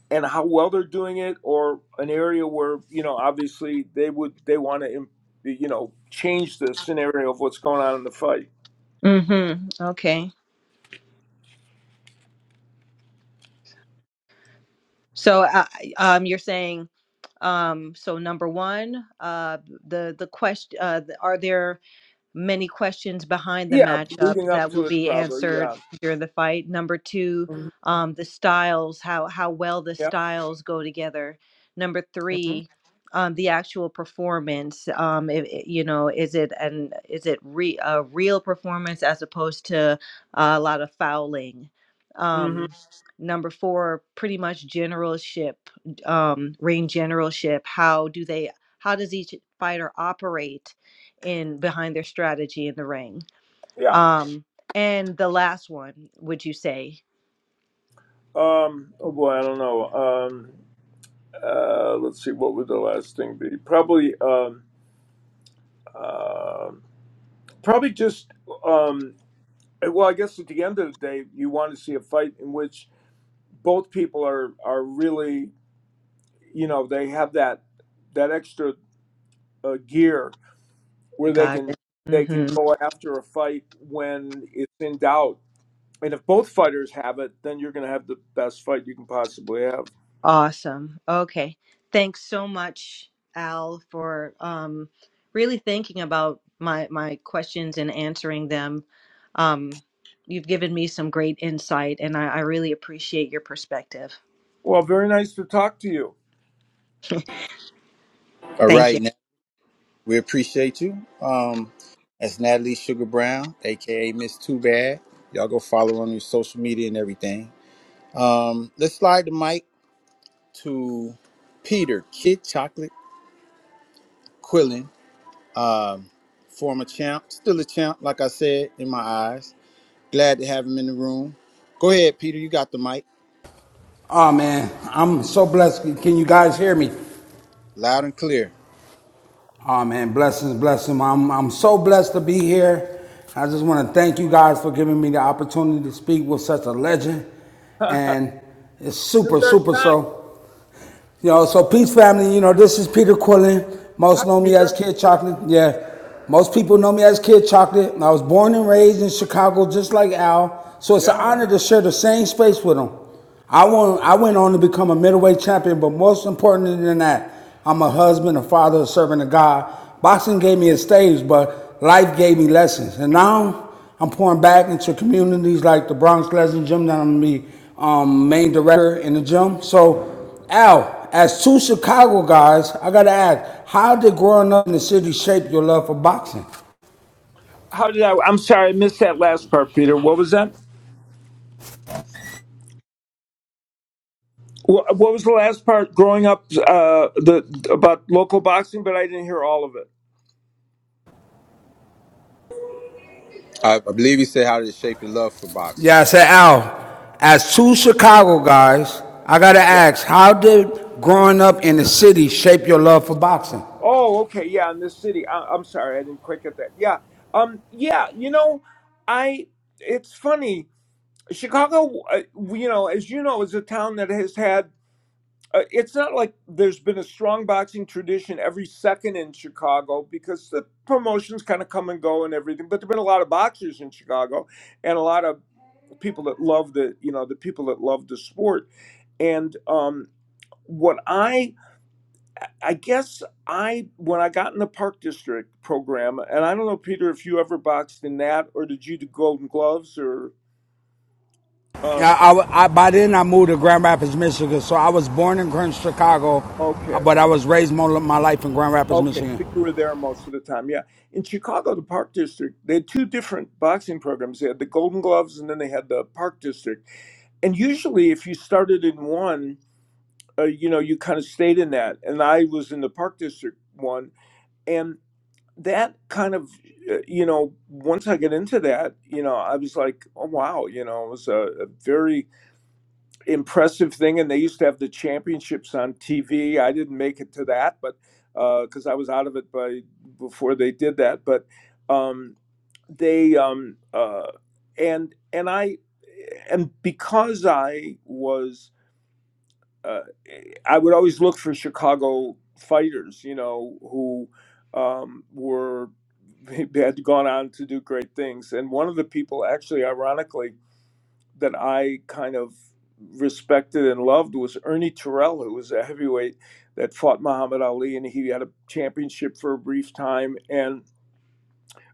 C: and how well they're doing it or an area where you know obviously they would they want to im- you know change the scenario of what's going on in the fight
D: hmm Okay. So uh, um you're saying um so number 1 uh the the question uh th- are there many questions behind the
C: yeah
D: matchup
C: leading up
D: that will
C: to it
D: be
C: probably
D: answered
C: yeah
D: during the fight. Number two,
C: Mhm.
D: um, the styles, how how well the
C: yeah
D: styles go together. Number
C: hmm
D: three, um, the actual performance. Um, i- i- you know, is it an is it re, a real performance as opposed to a lot of fouling?
C: hmm
D: Um, number four, pretty much generalship, um, ring generalship. How do they? How does each fighter operate? in behind their strategy in the ring.
C: yeah
D: Um, and the last one, would you say?
C: um oh boy i don't know um uh let's see what would the last thing be probably um uh, probably just um eh, well i guess at the end of the day you want to see a fight in which both people are are really you know they have that that extra uh, gear where they
D: Got
C: can
D: it.
C: they can
D: Mm-hmm.
C: go after a fight when it's in doubt and if both fighters have it then you're going to have the best fight you can possibly have
D: Awesome. Okay. Thanks so much, Al, for um, really thinking about my my questions and answering them. Um, you've given me some great insight, and I, I really appreciate your perspective.
C: well very nice to talk to you
A: All
D: Thank you.
A: right, We appreciate you. Um, that's Natalie Sugar Brown, aka Miss Too Bad. Y'all go follow her on your social media and everything. Let's slide the mic to Peter Kid Chocolate Quillen, former champ, still a champ, like I said in my eyes. Glad to have him in the room. Go ahead, Peter. You got the mic,
E: Oh man, I'm so blessed. Can you guys hear me?
A: loud and clear.
E: Oh man, blessings, blessings. I'm I'm so blessed to be here. I just want to thank you guys for giving me the opportunity to speak with such a legend, and it's
C: you're
E: super,
C: very
E: super
C: kind
E: so. You know, so peace family, you know, this is Peter Quillen. Most
C: hi
E: know me as
C: peter
E: Kid Chocolate. Yeah. Most people know me as Kid Chocolate. I was born and raised in Chicago just like Al. So it's an
C: yeah
E: honor to share the same space with him. I won I went on to become a middleweight champion, but most important than that, I'm a husband, a father, a servant of God. Boxing gave me a stage, but life gave me lessons. And now I'm pouring back into communities like the Bronx Legend Gym that I'm gonna be um, main director in the gym. So Al, as two Chicago guys, I gotta ask, how did growing up in the city shape your love for boxing?
C: how did i i'm sorry i missed that last part peter what was that Wha- what was the last part growing up uh the about local boxing but i didn't hear all of it
A: I, I believe you said how to shape your love for boxing.
E: Yeah, I said Al, as two Chicago guys, I gotta
C: Yeah.
E: ask, how did growing up in the city shape your love for boxing?
C: Oh, okay. Yeah, in this city. I, I'm sorry, I didn't quite get that. Yeah. Um. Yeah. You know, I. It's funny. Chicago. Uh, you know, as you know, is a town that has had. Uh, it's not like there's been a strong boxing tradition every second in Chicago because the promotions kind of come and go and everything. But there've been a lot of boxers in Chicago, and a lot of people that love the you know the people that love the sport. And um, what I I guess I when I got in the Park District program, and I don't know, Peter, if you ever boxed in that, or did you do Golden Gloves, or uh,
E: Yeah, I, I- by then I moved to Grand Rapids, Michigan. So I was born in Grand Chicago, uh,
C: okay,
E: but I was raised most of my life in Grand Rapids,
C: okay,
E: Michigan.
C: so you were there most of the time. Yeah, in Chicago, the Park District, they had two different boxing programs. They had the Golden Gloves, and then they had the Park District. And usually, if you started in one, uh, you know, you kind of stayed in that. And I was in the Park District one, and. that kind of uh, you know once i get into that you know i was like oh wow you know it was a, a very impressive thing and they used to have the championships on tv i didn't make it to that but because i was out of it by before they did that but um they um uh and and i and because i was uh, I would always look for Chicago fighters, you know, who um, were had gone on to do great things. And one of the people, actually, ironically, that I kind of respected and loved was Ernie Terrell, who was a heavyweight that fought Muhammad Ali, and he had a championship for a brief time. And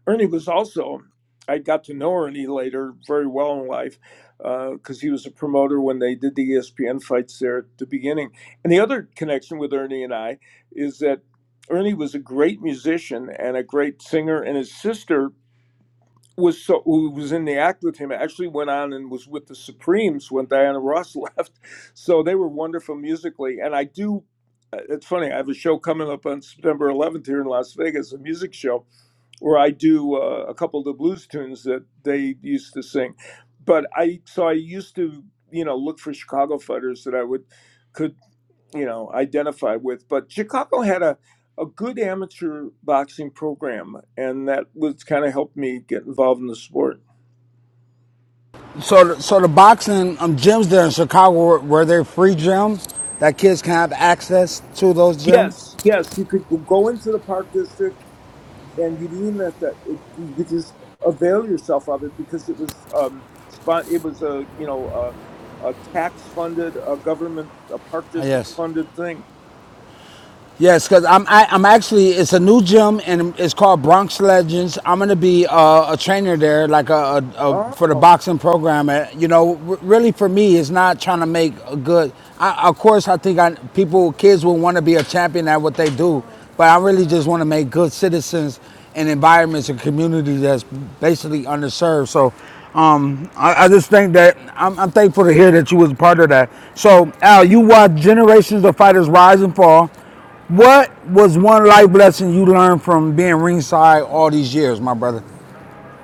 C: Ernie was also, I got to know Ernie later very well in life because uh, he was a promoter when they did the ESPN fights there at the beginning. And the other connection with Ernie and I is that Ernie was a great musician and a great singer, and his sister was so who was in the act with him actually went on and was with the Supremes when Diana Ross left. So they were wonderful musically, and I do. uh, It's funny. I have a show coming up on September 11th here in Las Vegas, a music show, or I do uh, a couple of the blues tunes that they used to sing. But I so I used to you know look for Chicago fighters that I would could you know identify with. But Chicago had a a good amateur boxing program, and that was kind of helped me get involved in the sport.
E: So, so the boxing um, gyms there in Chicago were, were there free gyms that kids can have access to those gyms?
C: Yes, yes, you could go into the Park District and you didn't even have to. It, you could just avail yourself of it because it was um, spon- It was a you know a, a tax funded, a government, a park
E: Ah,
C: district
E: Yes.
C: funded thing.
E: Yes, because I'm I, I'm actually it's a new gym and it's called Bronx Legends. I'm gonna be uh, a trainer there, like a, a, a
C: Oh
E: for the boxing program. Uh, You know, r- really for me, it's not trying to make a good. I, of course, I think I, people kids will want to be a champion at what they do, but I really just want to make good citizens and environments and communities that's basically underserved. So. Um, I, I just think that I'm, I'm thankful to hear that you was a part of that. So, Al, you watch generations of fighters rise and fall. What was one life lesson you learned from being ringside all these years, my brother?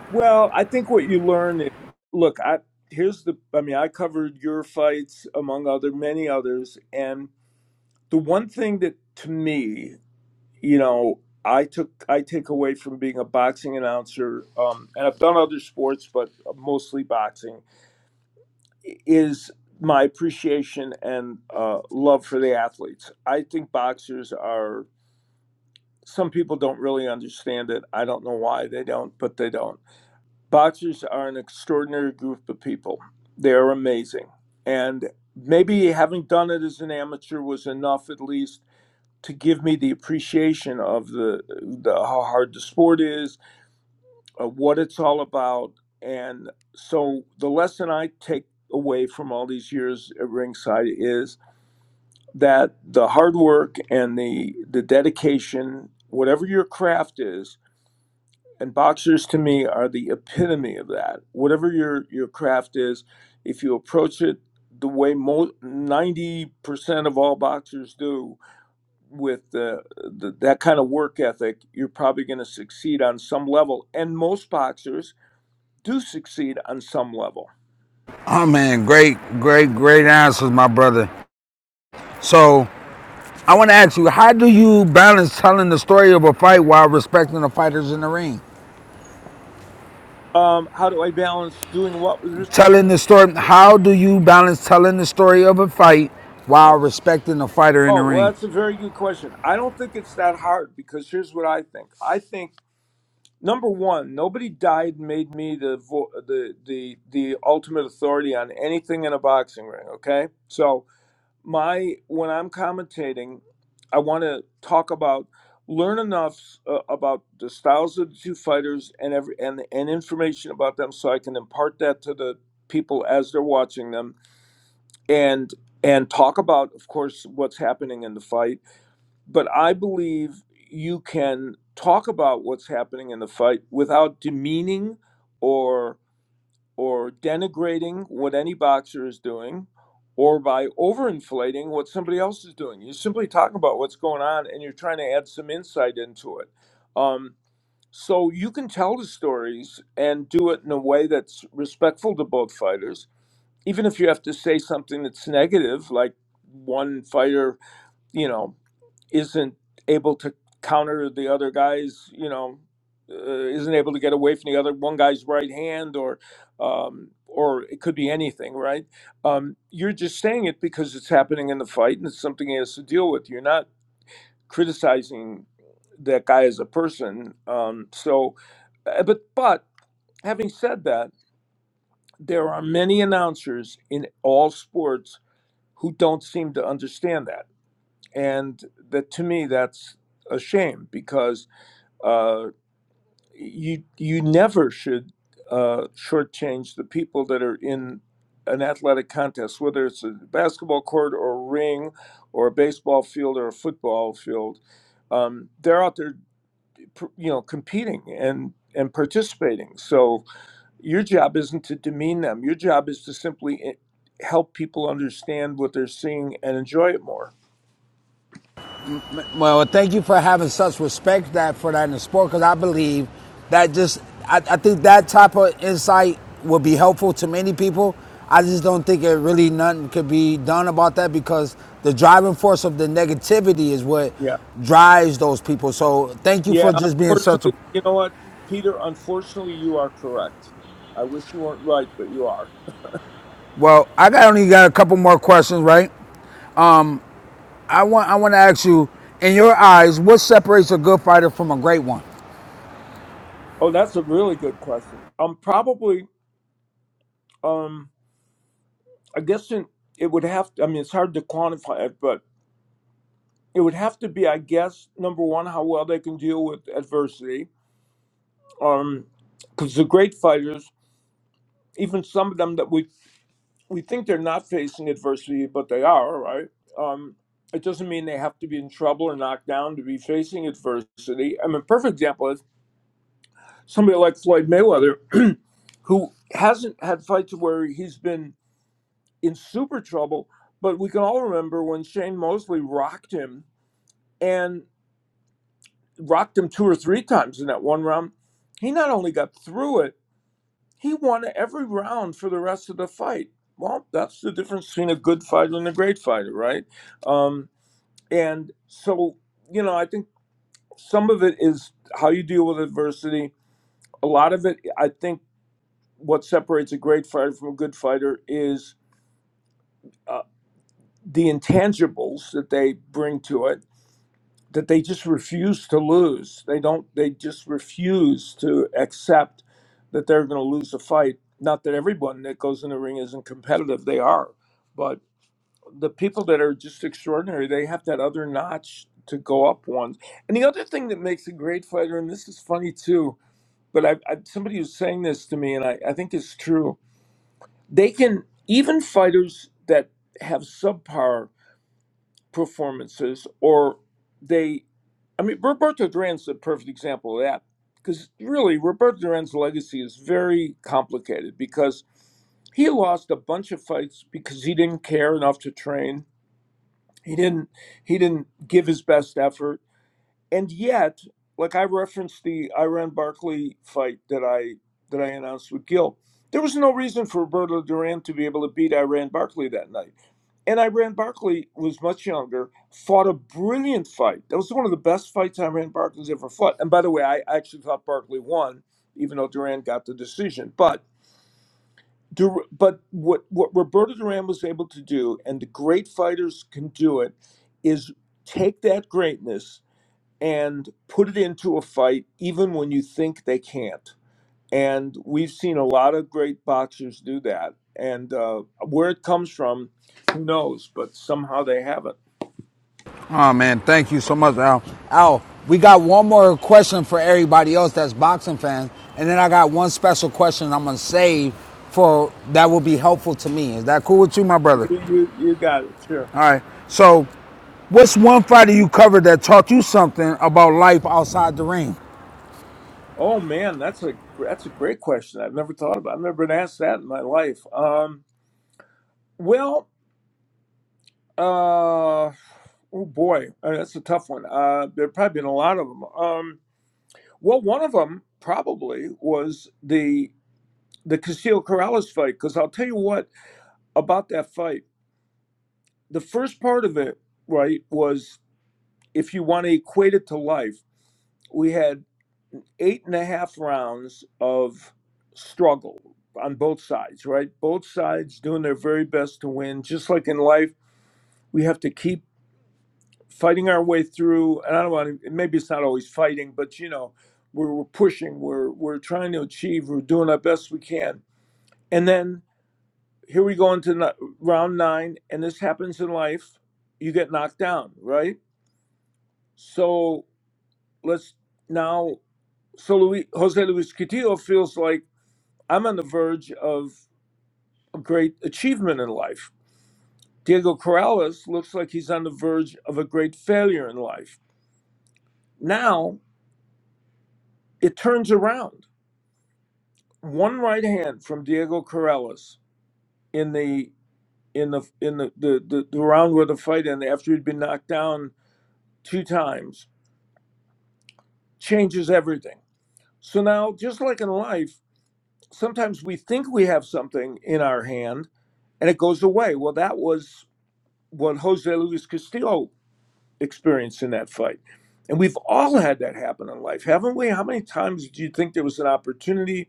C: well, I think what you learn is look. I here's the. I mean, I covered your fights among other many others, and the one thing that to me, you know. I took I take away from being a boxing announcer, um, and I've done other sports, but mostly boxing is my appreciation and uh, love for the athletes. I think boxers are, some people don't really understand it. I don't know why they don't, but they don't. Boxers are an extraordinary group of people. They are amazing. And maybe having done it as an amateur was enough, at least, to give me the appreciation of the, the how hard the sport is, uh, what it's all about. And so the lesson I take away from all these years at Ringside is that the hard work and the the dedication, whatever your craft is, and boxers to me are the epitome of that. Whatever your your craft is, if you approach it the way mo- 90% of all boxers do with the, the, that kind of work ethic, you're probably going to succeed on some level. And most boxers do succeed on some level.
E: Oh man, great, great, great answers, my brother. So I want to ask you, how do you balance telling the story of a fight while respecting the fighters in the ring?
C: Um, how do I balance doing what with respect? To,
E: Telling the story, how do you balance telling the story of a fight while
C: okay.
E: respecting the fighter in the
C: oh, well,
E: ring?
C: that's a very good question. I don't think it's that hard because here's what I think. I think number one, nobody died and made me the vo- the the the ultimate authority on anything in a boxing ring. Okay, so my when I'm commentating, I want to talk about learn enough uh, about the styles of the two fighters and every and and information about them, so I can impart that to the people as they're watching them and and talk about, of course, what's happening in the fight. But I believe you can talk about what's happening in the fight without demeaning or or denigrating what any boxer is doing or by overinflating what somebody else is doing. You're simply talking about what's going on and you're trying to add some insight into it. Um, so you can tell the stories and do it in a way that's respectful to both fighters, even if you have to say something that's negative, like one fighter, you know isn't able to counter the other guy's, you know, uh, isn't able to get away from the other one guy's right hand, or um, or it could be anything, right? Um, you're just saying it because it's happening in the fight and it's something he has to deal with. You're not criticizing that guy as a person. Um, so, uh, but but having said that, there are many announcers in all sports who don't seem to understand that and that to me that's a shame because uh, you you never should uh, shortchange the people that are in an athletic contest, whether it's a basketball court or a ring, or a baseball field or a football field. Um, they're out there, you know, competing and and participating. So your job isn't to demean them. Your job is to simply eh, help people understand what they're seeing and enjoy it more.
E: Well, thank you for having such respect that for that in the sport because I believe that just I, I think that type of insight will be helpful to many people. I just don't think it really nothing could be done about that because the driving force of the negativity is what
C: Yeah.
E: drives those people. So thank you
C: Yeah,
E: for just being such a
C: unfortunately, you know what, Peter? Unfortunately, you are correct. I wish you weren't right, but you are.
E: well. I got only got a couple more questions, right? I want I want to ask you, in your eyes, what separates a good fighter from a great one?
C: Oh, that's a really good question. Um, probably. Um, I guess in, it would have. To, I mean, it's hard to quantify it, but it would have to be, I guess, number one, how well they can deal with adversity. Um, because the great fighters, even some of them that we we think they're not facing adversity, but they are, right? Um, it doesn't mean they have to be in trouble or knocked down to be facing adversity. I mean, perfect example. somebody like Floyd Mayweather, who hasn't had fights where he's been in super trouble, but we can all remember when Shane Mosley rocked him and rocked him two or three times in that one round. He not only got through it, he won every round for the rest of the fight. Well, that's the difference between a good fighter and a great fighter, right? Um, and so, you know, I think some of it is how you deal with adversity. A lot of it, I think what separates a great fighter from a good fighter is uh, the intangibles that they bring to it that they just refuse to lose they don't they just refuse to accept that they're going to lose a fight not that everyone that goes in the ring isn't competitive they are but the people that are just extraordinary they have that other notch to go up one and the other thing that makes a great fighter and this is funny too but i, I somebody was saying this to me and I, I think it's true they can even fighters that have subpar performances or they I mean Roberto Duran's a perfect example of that because really Roberto Duran's legacy is very complicated because he lost a bunch of fights because he didn't care enough to train. He didn't he didn't give his best effort and yet like i referenced the iran barkley fight that i that i announced with gil there was no reason for roberto duran to be able to beat iran barkley that night and iran barkley was much younger fought a brilliant fight that was one of the best fights iran barkley's ever fought and by the way i actually thought barkley won even though duran got the decision but Dur- but what what roberto duran was able to do and the great fighters can do it is take that greatness and put it into a fight even when you think they can't. And we've seen a lot of great boxers do that. And uh, where it comes from, who knows? But somehow they have it.
E: Oh man, thank you so much, Al. Al, we got one more question for everybody else that's boxing fans, and then I got one special question I'm gonna save for that will be helpful to me. Is that cool with you, my brother?
C: You, you, you got it. Sure.
E: All right. So, what's one fighter you covered that taught you something about life outside the ring?
C: Oh man, that's a that's a great question. I've never thought about. I've never been asked that in my life. Um, well, uh, oh boy, uh, that's a tough one. Uh, there've probably been a lot of them. Um, well, one of them probably was the the Castillo Corrales fight because I'll tell you what about that fight. The first part of it, right, was if you want to equate it to life, we had eight and a half rounds of struggle on both sides, right? Both sides doing their very best to win. Just like in life, we have to keep fighting our way through. And I don't want to, maybe it's not always fighting, but you know, we're, we're pushing, we're, we're trying to achieve, we're doing our best we can. And then Here we go into ni- round nine, and this happens in life. You get knocked down, right? So let's now. So Luis, Jose Luis Castillo feels like I'm on the verge of a great achievement in life. Diego Corrales looks like he's on the verge of a great failure in life. Now it turns around. One right hand from Diego Corrales in the in the in the the, the, the round where the fight ended after he'd been knocked down two times changes everything. So now, just like in life, sometimes we think we have something in our hand and it goes away. Well, that was what Jose Luis Castillo experienced in that fight. And we've all had that happen in life, haven't we? How many times do you think there was an opportunity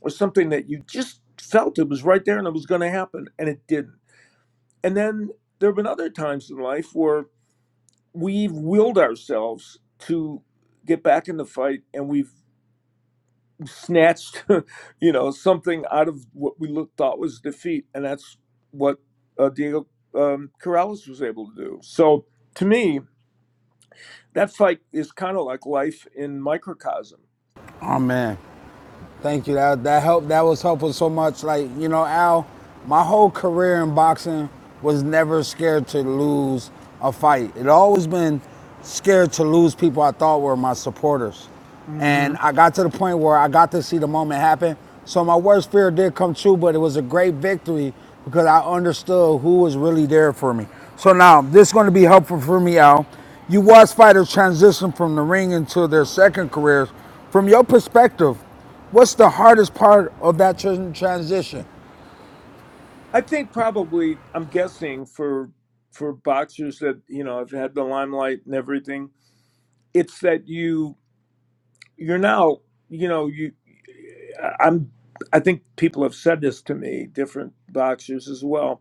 C: or something that you just felt it was right there and it was going to happen and it didn't? And then there have been other times in life where we've willed ourselves to get back in the fight and we've snatched, you know, something out of what we look, thought was defeat, and that's what uh, Diego um, Corrales was able to do. So to me, that fight is kind of like life in microcosm.
E: Oh man, Thank you. That that helped. That was helpful so much. Like you know, Al, my whole career in boxing was never scared to lose a fight. It always been scared to lose people I thought were my supporters,
C: hmm
E: and I got to the point where I got to see the moment happen. So my worst fear did come true, but it was a great victory because I understood who was really there for me. So now this is going to be helpful for me, Al. You watch fighters transition from the ring into their second careers. From your perspective, What's the hardest part of that transition?
C: I think probably I'm guessing for for boxers that you know have had the limelight and everything, it's that you you're now you know you I'm I think people have said this to me, different boxers as well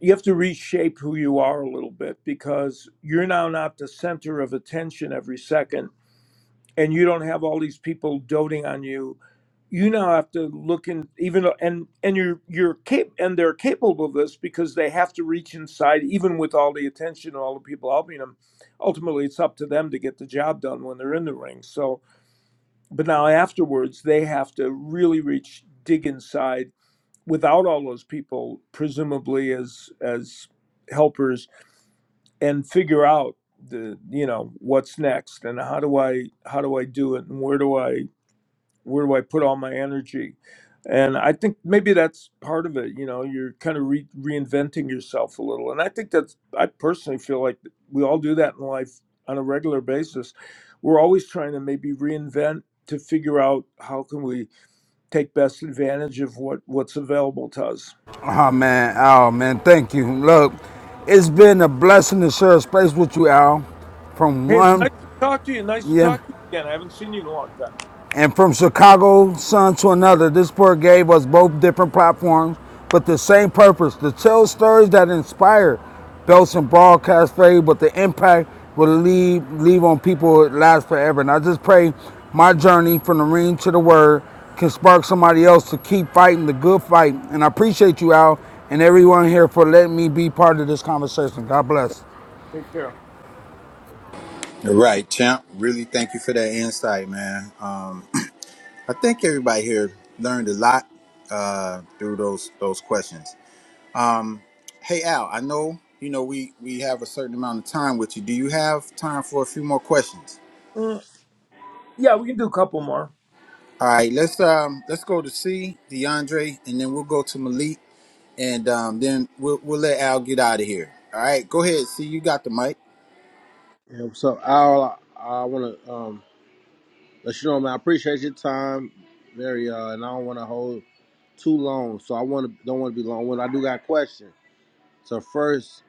C: you have to reshape who you are a little bit because you're now not the center of attention every second and you don't have all these people doting on you you now have to look in even though- and and you're you're cap- and they're capable of this because they have to reach inside even with all the attention and all the people helping them ultimately it's up to them to get the job done when they're in the ring so but now afterwards they have to really reach dig inside without all those people presumably as as helpers and figure out the you know what's next and how do i how do i do it and where do i where do i put all my energy and i think maybe that's part of it you know you're kind of re- reinventing yourself a little and i think that's i personally feel like we all do that in life on a regular basis we're always trying to maybe reinvent to figure out how can we take best advantage of what what's available to us
E: Oh man, Al, man, thank you. Look, it's been a blessing to share a space with you, Al. From
C: hey it's
E: one,
C: nice to talk to you nice to
E: yeah.
C: talk to you again i haven't seen you in a long time
E: And from Chicago Sun to another, this book gave us both different platforms, but the same purpose to tell stories that inspire those in broadcast fade, but the impact will leave, leave on people it lasts forever. And I just pray my journey from the ring to the word can spark somebody else to keep fighting the good fight. And I appreciate you, Al, and everyone here for letting me be part of this conversation. God bless.
C: take care
A: You're Right, champ. Really, thank you for that insight, man. Um, I think everybody here learned a lot uh, through those those questions. Um, hey Al, I know you know we we have a certain amount of time with you. Do you have time for a few more questions?
C: Yeah, we can do a couple more.
A: All right, let's um let's go to C DeAndre, and then we'll go to Malik, and um, then we'll we'll let Al get out of here. All right, go ahead. C, you got the mic.
B: Yeah, so, Al? I, I want to um, let you know, man. I appreciate your time, very, uh, and I don't want to hold too long. So I want to don't want to be long. When I do got questions. So first,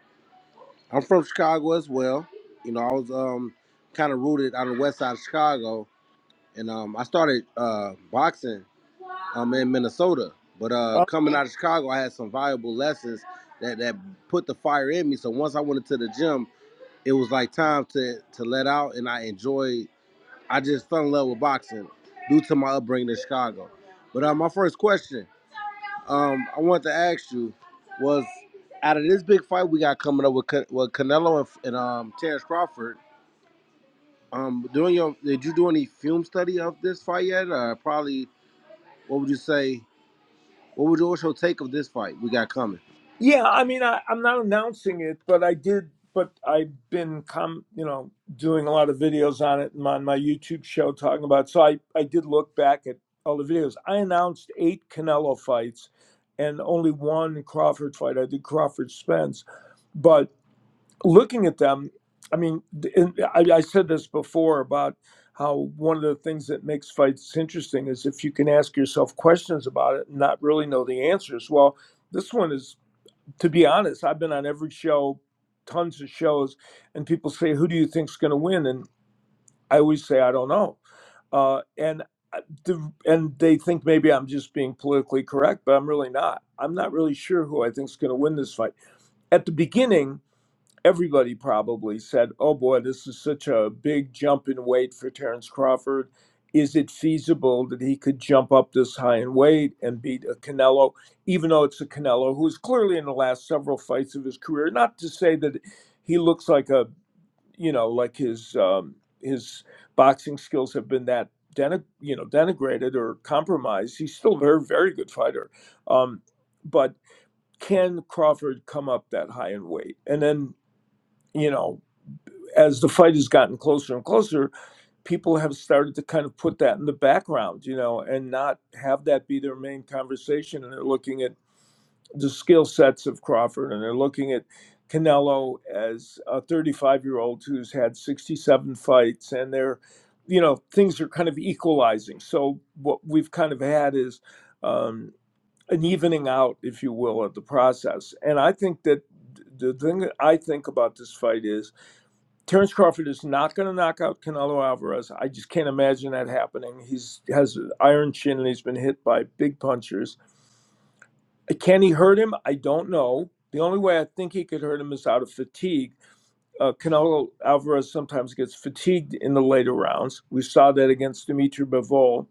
B: I'm from Chicago as well. You know, I was um kind of rooted on the west side of Chicago, and um I started uh boxing um in Minnesota. But uh
C: Uh,
B: coming out of Chicago, I had some valuable lessons that that put the fire in me. So once I went into the gym. it was like time to to let out and I enjoyed I just fell in love with boxing due to my upbringing in Chicago. But uh, my first question um, I wanted to ask you was out of this big fight we got coming up with Can- with Canelo and, and um, Terrence Crawford, um, doing your did you do any film study of this fight yet? Or probably what would you say? What would you, what's your take of this fight we got coming?
C: yeah, I mean, I, I'm not announcing it, but I did. But I've been, com- you know, doing a lot of videos on it and on my YouTube show talking about. So I, I did look back at all the videos. I announced eight Canelo fights, and only one Crawford fight. I did Crawford Spence, but looking at them, I mean, and I, I said this before about how one of the things that makes fights interesting is if you can ask yourself questions about it and not really know the answers. Well, this one is, to be honest, I've been on every show, tons of shows, and people say, "Who do you think's going to win?" And I always say, "I don't know," uh, and I- the, and they think maybe I'm just being politically correct, but I'm really not. I'm not really sure who I think's going to win this fight. At the beginning, everybody probably said, "Oh boy, this is such a big jump in weight for Terrence Crawford. Is it feasible that he could jump up this high in weight and beat a Canelo, even though it's a Canelo who is clearly in the last several fights of his career? Not to say that he looks like a, you know, like his um, his boxing skills have been that." Denig- you know, denigrated or compromised. He's still a very, very good fighter. Um, but can Crawford come up that high in weight? And then, you know, as the fight has gotten closer and closer, people have started to kind of put that in the background, you know, and not have that be their main conversation. And they're looking at the skill sets of Crawford and they're looking at Canelo as a 35 year old who's had 67 fights and they're, you know, things are kind of equalizing. So what we've kind of had is um, an evening out, if you will, of the process. And I think that the thing that I think about this fight is Terence Crawford is not going to knock out Canelo Alvarez. I just can't imagine that happening. He's has an iron chin and he's been hit by big punchers. Uh, Can he hurt him? I don't know. The only way I think he could hurt him is out of fatigue. Uh, Canelo Alvarez sometimes gets fatigued in the later rounds. We saw that against Dimitri Bivol,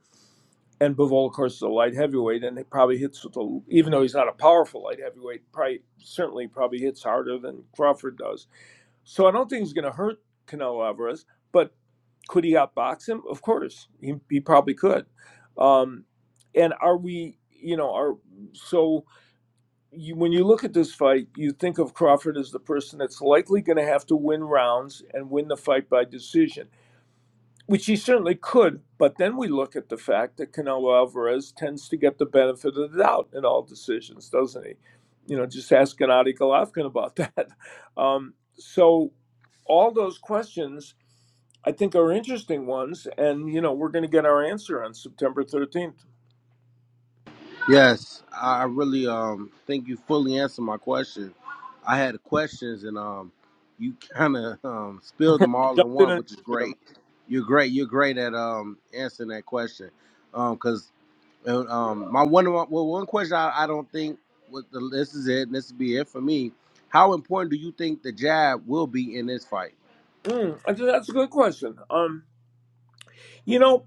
C: and Bivol, of course, is a light heavyweight, and he probably hits with a, even though he's not a powerful light heavyweight, probably certainly probably hits harder than Crawford does. So I don't think he's going to hurt Canelo Alvarez, but could he outbox him? Of course, he, he probably could. Um, and are we, you know, are so you, when you look at this fight, you think of Crawford as the person that's likely going to have to win rounds and win the fight by decision which he certainly could. But then we look at the fact that Canelo Alvarez tends to get the benefit of the doubt in all decisions, doesn't he? You know, just ask Gennady Golovkin about that. Um, so all those questions, I think, are interesting ones, and you know, we're going to get our answer on September thirteenth.
B: Yes, I I really um think you fully answered my question. I had questions and um you kind of um spilled them all in
C: Jumped in
B: one,
C: and
B: which is
C: answered them.
B: great. You're great. You're great at um answering that question. Um, cause uh, um my one well one question I, I don't think what the, this is it. And this will be it for me. How important do you think the jab will be in this fight?
C: Mm, I think that's a good question. Um, you know,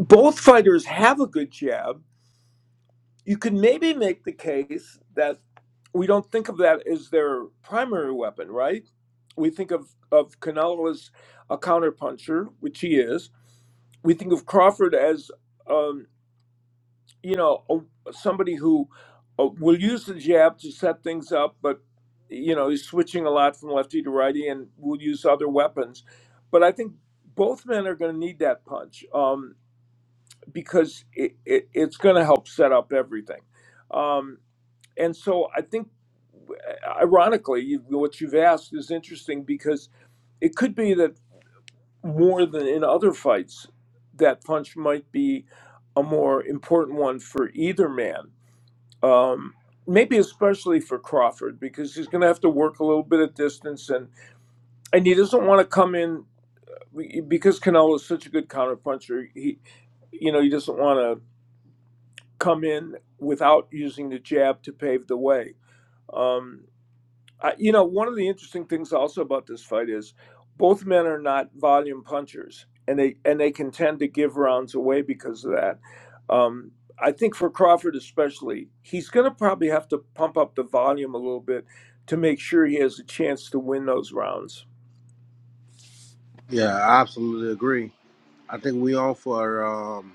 C: both fighters have a good jab. You could maybe make the case that we don't think of that as their primary weapon, right? We think of, of Canelo as a counterpuncher, which he is. We think of Crawford as, um, you know, a, somebody who uh, will use the jab to set things up, but, you know, he's switching a lot from lefty to righty and will use other weapons. But I think both men are going to need that punch um, because it, it, it's going to help set up everything. Um, and so I think, ironically, you- what you've asked is interesting because it could be that more than in other fights, that punch might be a more important one for either man. Um, maybe especially for Crawford because he's going to have to work a little bit at distance and and he doesn't want to come in because Canelo is such a good counterpuncher. He you know he doesn't want to come in without using the jab to pave the way. Um, I, you know, one of the interesting things also about this fight is both men are not volume punchers, and they and they can tend to give rounds away because of that. Um, I think for Crawford especially, he's going to probably have to pump up the volume a little bit to make sure he has a chance to win those rounds.
B: Yeah, I absolutely agree. I think we on for um,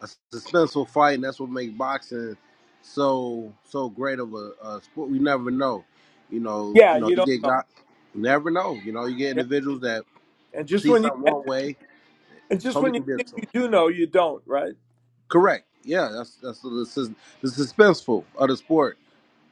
B: a suspenseful fight, and that's what makes boxing so so great of a, a sport. We never know, you know.
C: Yeah,
B: You know,
C: you
B: you
C: don't
B: get
C: know.
B: got, you never know. You know, you get
C: Yeah,
B: individuals that
C: and just
B: see
C: when you
B: something
C: and
B: one
C: just,
B: way,
C: and just
B: totally
C: when you think
B: convinced them.
C: you do know, you don't. Right?
B: Correct. Yeah, that's that's the, sus- the suspenseful of the sport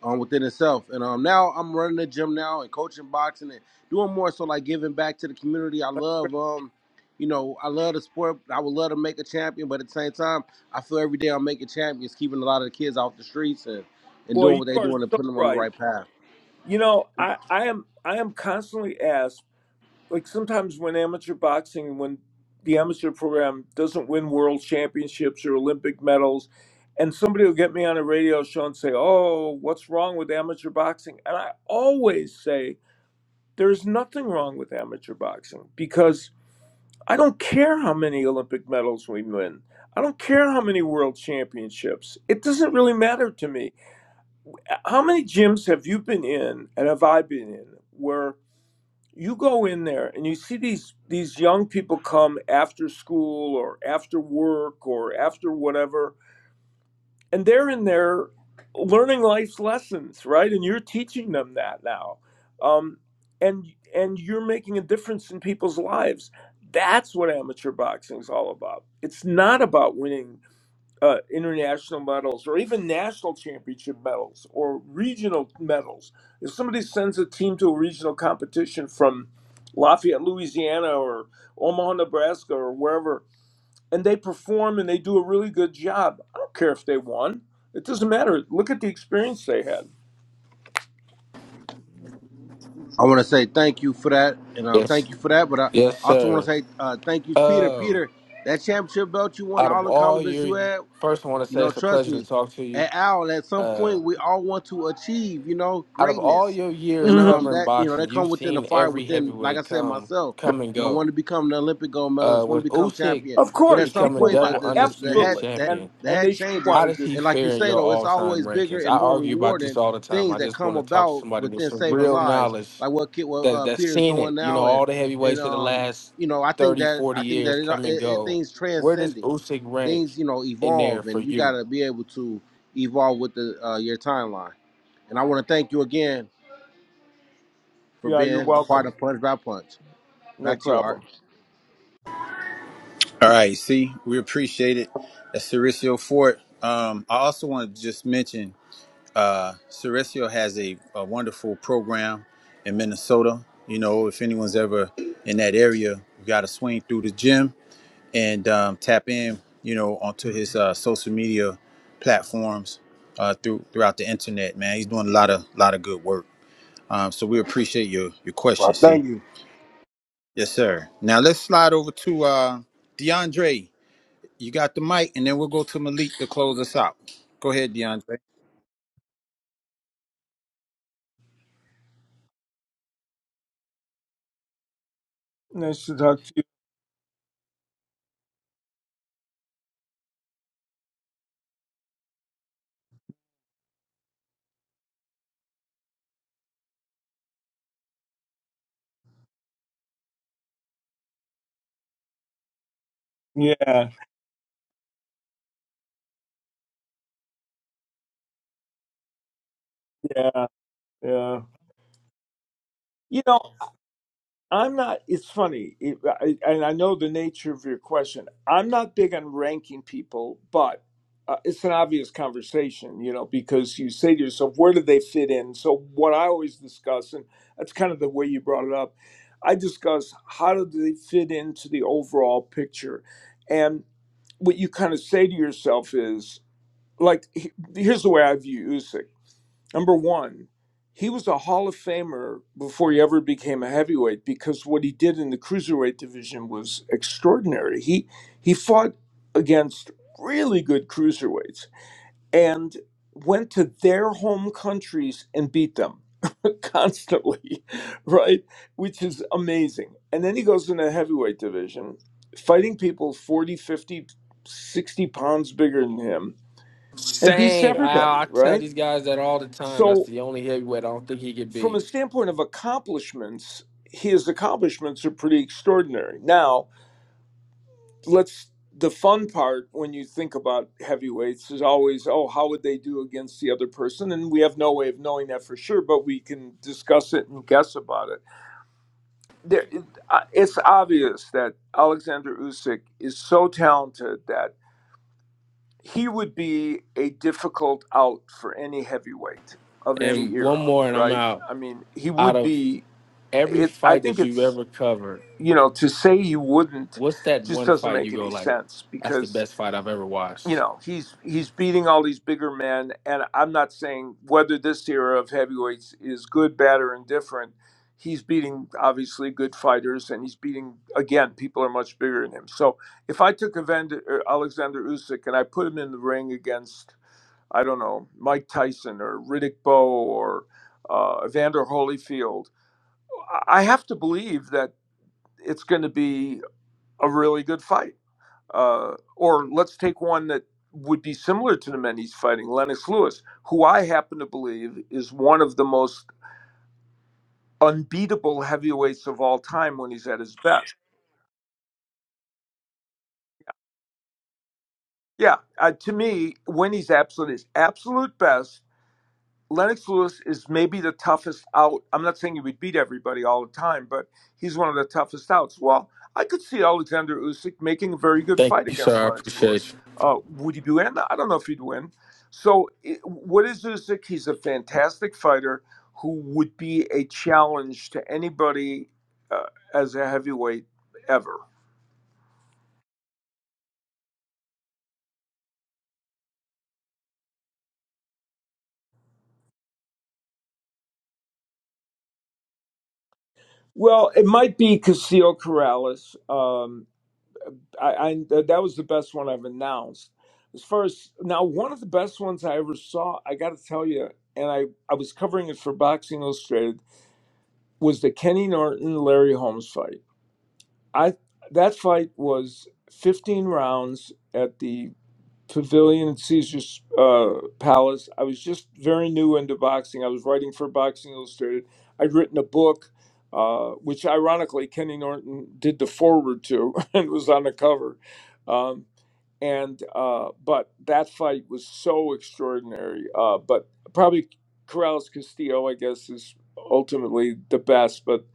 B: um, within itself. And um, now I'm running the gym now and coaching boxing and doing more so like giving back to the community. I love, um, you know, I love the sport. I would love to make a champion, but at the same time, I feel every day I'm making champions, keeping a lot of the kids off the streets and, and
C: Boy,
B: doing
C: you
B: what they're
C: are
B: doing and
C: so
B: putting them on the
C: right.
B: right path.
C: You know,
B: And
C: I I am I am constantly asked like sometimes when amateur boxing when the amateur program doesn't win world championships or olympic medals and somebody will get me on a radio show and say oh what's wrong with amateur boxing and i always say there's nothing wrong with amateur boxing because i don't care how many olympic medals we win i don't care how many world championships it doesn't really matter to me how many gyms have you been in and have i been in where you go in there and you see these these young people come after school or after work or after whatever and they're in there learning life's lessons right and you're teaching them that now um, and and you're making a difference in people's lives that's what amateur boxing is all about it's not about winning uh, international medals or even national championship medals or regional medals. If somebody sends a team to a regional competition from Lafayette, Louisiana or Omaha, Nebraska or wherever, and they perform and they do a really good job, I don't care if they won. It doesn't matter. Look at the experience they had.
B: I, I want to say thank you for that, and uh,
F: Yes,
B: thank you for that. But I
F: yes,
B: also want
F: sir.
B: to say uh, thank you, Peter.
F: Um,
B: Peter, that championship belt you won,
F: out of
B: all the
F: all
B: accomplishments
F: your,
B: you had.
F: first I want to
B: You
F: say
B: know,
F: it's a
B: trust
F: pleasure to
B: me,
F: talk to you.
B: at Owl, at some
F: Uh,
B: point we all want to achieve, you know,
F: out of all
B: greatness.
F: your years
B: And
C: hmm
B: um
F: covering
B: that, you know,
F: boxing,
B: that come
F: you've
B: within the
F: seen
B: fire
F: every
B: within, like I
F: heavyweight
B: said,
F: come
B: myself.
F: come and
B: You know, want
F: go.
B: to become an Olympic gold
F: Uh,
B: medalist, want to
F: with
B: become
F: Usyk
B: champion.
C: Of
B: But at
C: course,
B: some
F: becoming
C: people
B: point
C: want
B: the
F: double
B: the, the, the
F: undisputed
B: hat
C: absolutely,
B: that
F: champion,
C: and
B: the
C: and
B: hat
C: they should
B: changes.
C: want
F: how
C: to
F: does
C: do
F: he
B: And like you
F: fare in
B: say
F: your
B: though, it's
F: all time
B: always bigger
F: rankings? I
B: and more
F: argue about this
B: rewarding
F: all the time.
B: things
F: I
B: that
F: just
B: come
F: want to talk to
B: about
F: somebody with
B: within
F: some
C: that.
B: saving
F: real
B: lives.
F: knowledge
B: Like what kid what
F: that
B: uh,
F: that's
B: Peter's
F: seen
B: doing
F: it. You know,
B: now and
F: all the
B: and
F: heavyweights of the
B: um
F: last
B: you know, I think
F: 30,
B: that
F: 40
B: I think
F: years
B: that
F: come
B: it,
F: and
B: it, it
F: go.
B: things
F: Where does
B: transcending
F: Usyk rank
B: things you know
F: in there
B: evolve
F: for
B: and you got
F: you?
B: to be able to evolve with the uh, your timeline and i want to thank you again for
C: Yeah, yeah, you're
B: being a part
C: welcome.
B: of punch by punch
C: No
B: back to you art
C: problem.
A: All right, C, we appreciate it. That's Cericio Fort. Um, I also want to just mention. Uh, Ceresio has a, a wonderful program in Minnesota. You know, if anyone's ever in that area, you got to swing through the gym and um, tap in, you know, onto his uh, social media platforms uh, through throughout the internet. Man, he's doing a lot of lot of good work. Um, so we appreciate your your question,
B: Well,
A: see.
B: thank you.
A: Yes, sir. Now let's slide over to uh, DeAndre. You got the mic, and then we'll go to Malik to close us out. Go ahead, DeAndre.
C: Nice to talk to you. Yeah, yeah, yeah. You know, I'm not. It's funny, it, I, and I know the nature of your question. I'm not big on ranking people, but uh, it's an obvious conversation, you know, because you say to yourself, "Where do they fit in?" So what I always discuss, and that's kind of the way you brought it up. I discuss how do they fit into the overall picture, and what you kind of say to yourself is, like, he- here's the way I view Usyk. Number one, he was a Hall of Famer before he ever became a heavyweight because what he did in the cruiserweight division was extraordinary. He he fought against really good cruiserweights and went to their home countries and beat them constantly, right? Which is amazing. And then he goes into the heavyweight division, fighting people 40, 50, 60 pounds bigger than him and beats
F: Same. I,
C: everybody,
F: I tell
C: right?
F: these guys that all the time. That's
C: So
F: the only heavyweight I don't think he could
C: from a
F: be.
C: standpoint of accomplishments, his accomplishments are pretty extraordinary. Now, let's the fun part when you think about heavyweights is always, oh, how would they do against the other person? And we have no way of knowing that for sure, but we can discuss it and guess about it. There, it- uh, it's obvious that Alexander Usyk is so talented that he would be a difficult out for any heavyweight of any
F: And one
C: era,
F: more, and I'm
C: right?
F: out.
C: I mean, he
F: Out
C: would
F: of
C: be
F: every
C: it's i
F: fight
C: think
F: that you've
C: it's
F: ever covered,
C: you know to say you wouldn't
F: what's that
C: just
F: one
C: doesn't
F: fight
C: make
F: you go
C: any
F: like?
C: sense
F: That's the
C: because
F: best fight I've ever
C: you
F: watched.
C: know he's he's beating all these bigger men and i'm not saying whether this era of heavyweights is good bad or indifferent he's beating obviously good fighters and he's beating again people are much bigger than him so if i took Evander, or alexander usyk and i put him in the ring against i don't know mike tyson or riddick bowe or uh, evander holyfield i I have to believe that it's going to be a really good fight. Uh, or let's take one that would be similar to the men he's fighting, Lennox Lewis, who I happen to believe is one of the most unbeatable heavyweights of all time when he's at his best. Yeah, uh, to me, when he's absolute, his absolute best, Lennox Lewis is maybe the toughest out. I'm not saying he would beat everybody all the time, but he's one of the toughest outs. Well, I could see Alexander Usyk making a very good
F: Thank
C: fight
F: you,
C: against
F: sir. I
C: Lennox
F: appreciate
C: Lewis.
F: you.
C: Uh, would he win? I don't know if he'd win. So, it, what is Usyk? He's a fantastic fighter who would be a challenge to anybody uh, as a heavyweight ever. Well, it might be Casio Corrales. Um, I, I that was the best one I've announced. As far as now, one of the best ones I ever saw, I got to tell you, and I I was covering it for Boxing Illustrated, was the Kenny Norton Larry Holmes fight. I that fight was 15 rounds at the Pavilion at Caesar's uh, Palace. I was just very new into boxing. I was writing for Boxing Illustrated. I'd written a book, uh, which ironically Kenny Norton did the forward to and was on the cover. Um, and uh, but that fight was so extraordinary. Uh, but probably Corrales Castillo, I guess, is ultimately the best. But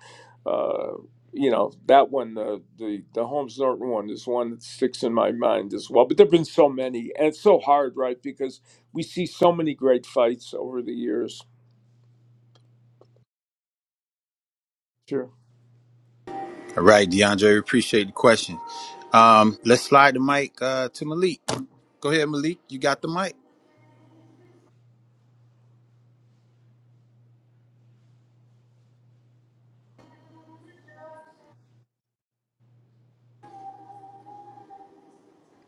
C: uh, you know that one, the the the Holmes Norton one, is one that sticks in my mind as well. But there've been so many, and it's so hard, right? Because we see so many great fights over the years. Sure,
A: All right, DeAndre, we appreciate the question. Um, let's slide the mic uh, to Malik. Go ahead, Malik. You got the mic.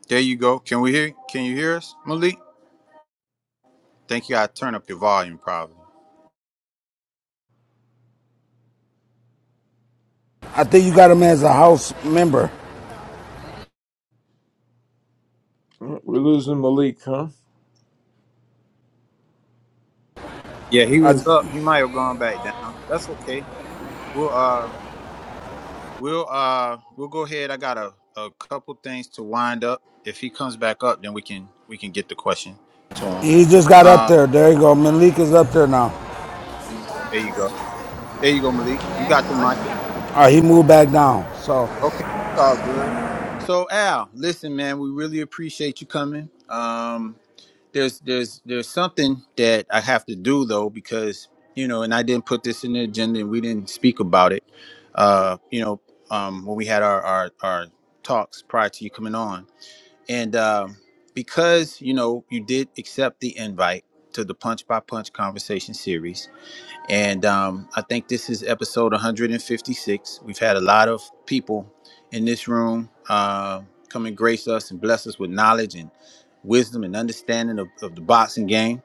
A: There you go. Can we hear? Can you hear us, Malik? Thank you. I turn up your volume, probably.
E: I think you got him as a house member.
C: Mm, we're losing Malik, huh?
A: Yeah, he was
E: I,
A: up. He might have gone back down. That's okay. We'll uh, we'll uh, we'll go ahead. I got a, a couple things to wind up. If he comes back up, then we can we can get the question to him.
E: He just got up
A: Um,
E: there. There you go. Malik is up there now.
A: there you go. There you go, Malik. You got the mic.
E: All right, he moved back down. So,
A: Okay, it's all good. So Al, listen, man, we really appreciate you coming. Um, there's there's there's something that I have to do though because you know, and I didn't put this in the agenda and we didn't speak about it. Uh, you know, um, when we had our our, our talks prior to you coming on, and um, because you know you did accept the invite to the Punch by Punch conversation series and um, I think this is episode 156. We've had a lot of people in this room uh, come and grace us and bless us with knowledge and wisdom and understanding of, of the boxing game.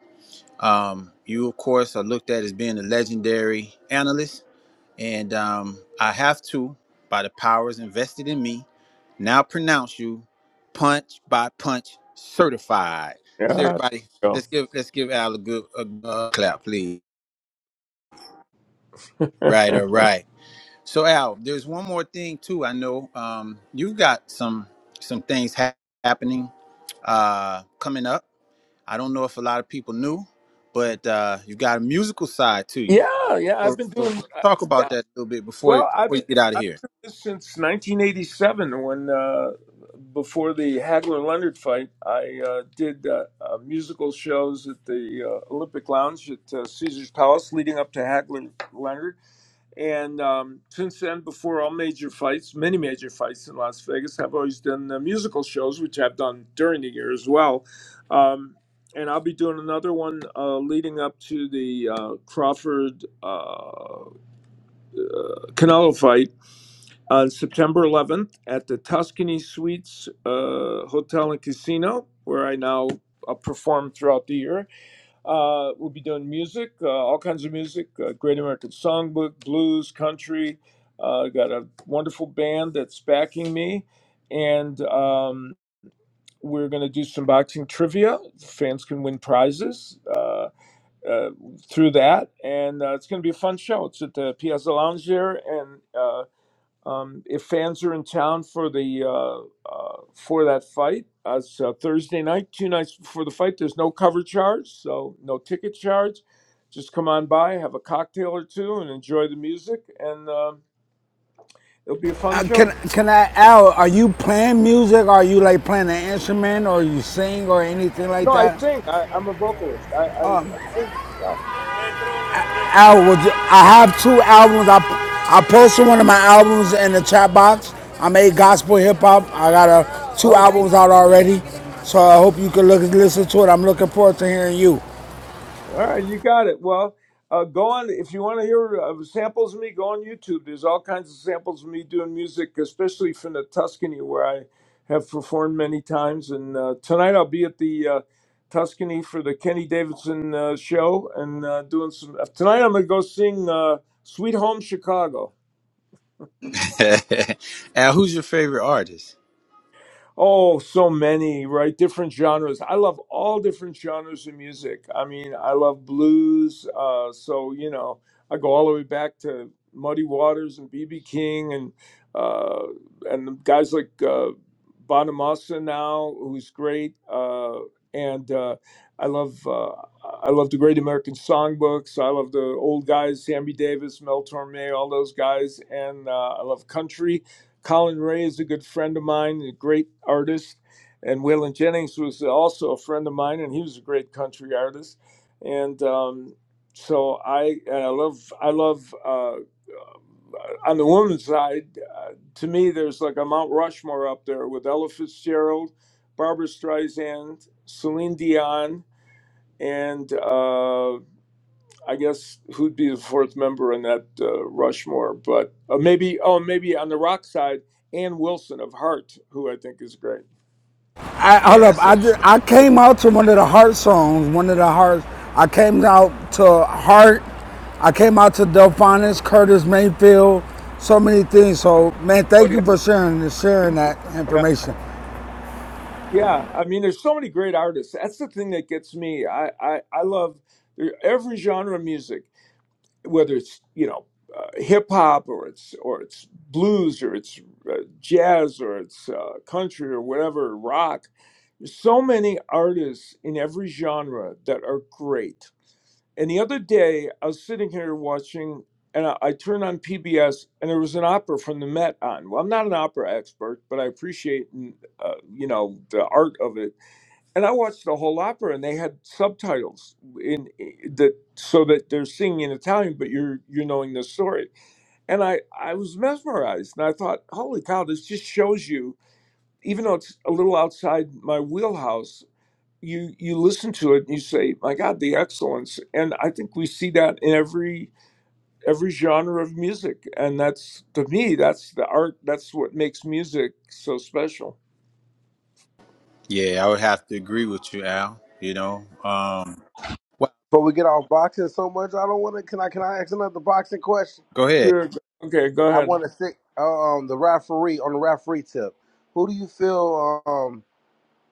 A: Um, you, of course, are looked at as being a legendary analyst. And um, I have to, by the powers invested in me, now pronounce you punch by punch certified. So
C: Yeah.
A: everybody,
C: there you Go.
A: let's give let's give Al a good a, a clap, please. Right, all right. So Al, there's one more thing too. I know um, you've got some some things hap- happening uh, coming up. I don't know if a lot of people knew, but uh, you've got a musical side to you.
C: yeah, yeah.
A: So,
C: I've been
A: so
C: doing.
A: let's
C: uh,
A: talk about
C: yeah,
A: that a little bit before
C: Well, I've
A: before you
C: been
A: get out of
C: I've
A: here.
C: been doing this since 1987 when uh, before the Hagler Leonard fight, I uh, did uh, uh, musical shows at the uh, Olympic Lounge at uh, Caesar's Palace leading up to Hagler Leonard, and um, since then, before all major fights, many major fights in Las Vegas, I've always done uh, musical shows, which I've done during the year as well. Um, and I'll be doing another one uh, leading up to the uh, Crawford uh, uh, Canelo fight on September 11th at the Tuscany Suites uh, Hotel and Casino, where I now uh, perform throughout the year. Uh, we'll be doing music, uh, all kinds of music, uh, Great American Songbook, blues, country. Uh, got a wonderful band that's backing me, and um, we're going to do some boxing trivia. Fans can win prizes. Uh, uh, through that, and uh, it's going to be a fun show. It's at the Piazza Lounge there, and uh, um, if fans are in town for the uh, uh, for that fight, uh, it's uh, Thursday night, two nights before the fight. There's no cover charge, so no ticket charge. Just come on by, have a cocktail or two, and enjoy the music, and um it'll be a fun
E: uh, can
C: show.
E: can I, Al? Are you playing music? Are you like playing an instrument, or you sing, or anything like
C: No, I
E: that?
C: sing. I, I'm a vocalist. I, I, I sing. Yeah.
E: Al, would you, I have two albums. I I posted one of my albums in the chat box. I made gospel hip hop. I got uh two
C: Oh.
E: albums out already. So I hope you can look listen to it. I'm looking forward to hearing you.
C: All right, you got it. Well, uh, go on. If you want to hear uh, samples of me, go on YouTube. There's all kinds of samples of me doing music, especially from the Tuscany, where I have performed many times. And uh, tonight I'll be at the uh, Tuscany for the Kenny Davidson uh, show and uh, doing some. uh, Tonight I'm going to go sing uh, "Sweet Home Chicago."
A: Al, who's your favorite artist?
C: Oh, so many, right? Different genres. I love all different genres of music. I mean, I love blues. Uh, so, you know, I go all the way back to Muddy Waters and B.B. King and uh, and guys like uh, Bonamassa now, who's great. Uh, and uh, I love uh, I love the Great American Songbooks. I love the old guys, Sammy Davis, Mel Torme, all those guys. And uh, I love country. Colin Ray is a good friend of mine, a great artist, and Waylon Jennings was also a friend of mine, and he was a great country artist. And um, so I, and I love, I love. Uh, on the women's side, uh, to me, there's like a Mount Rushmore up there with Ella Fitzgerald, Barbara Streisand, Celine Dion, and uh, I guess who'd be the fourth member in that uh, Rushmore? But uh, maybe, oh, maybe on the rock side, Ann Wilson of Heart, who I think is great.
E: I, hold
A: Yeah,
E: up.
A: that's a
E: I, ju- I came out to one of the Heart songs, one of the Hearts. I came out to Heart. I came out to Delphinus, Curtis Mayfield, so many things. So, man,
C: Oh
E: thank you
C: yeah,
E: for sharing sharing that
C: yeah,
E: information.
C: yeah. I mean, there's so many great artists. That's the thing that gets me. I I, I love every genre of music, whether it's you know uh, hip hop or it's or it's blues or it's uh, jazz or it's uh, country or whatever rock. There's so many artists in every genre that are great And the other day, I was sitting here watching, and I, I turned on PBS, and there was an opera from the Met on. Well, I'm not an opera expert, but I appreciate, mm, uh, you know, the art of it. And I watched the whole opera, and they had subtitles in, in that, so that they're singing in Italian, but you're you're knowing the story. And I I was mesmerized, and I thought, holy cow, this just shows you, even though it's a little outside my wheelhouse you you listen to it and you say my god the excellence and i think we see that in every every genre of music and that's to me that's the art that's what makes music so special
A: yeah. I would have to agree with you, Al. You know, um, well,
B: But we get off boxing so much, I don't want to. Can I? Can I ask another boxing question?
A: go ahead.
C: sure okay go
B: I
C: ahead
B: want to stick um the referee on the referee tip. Who do you feel um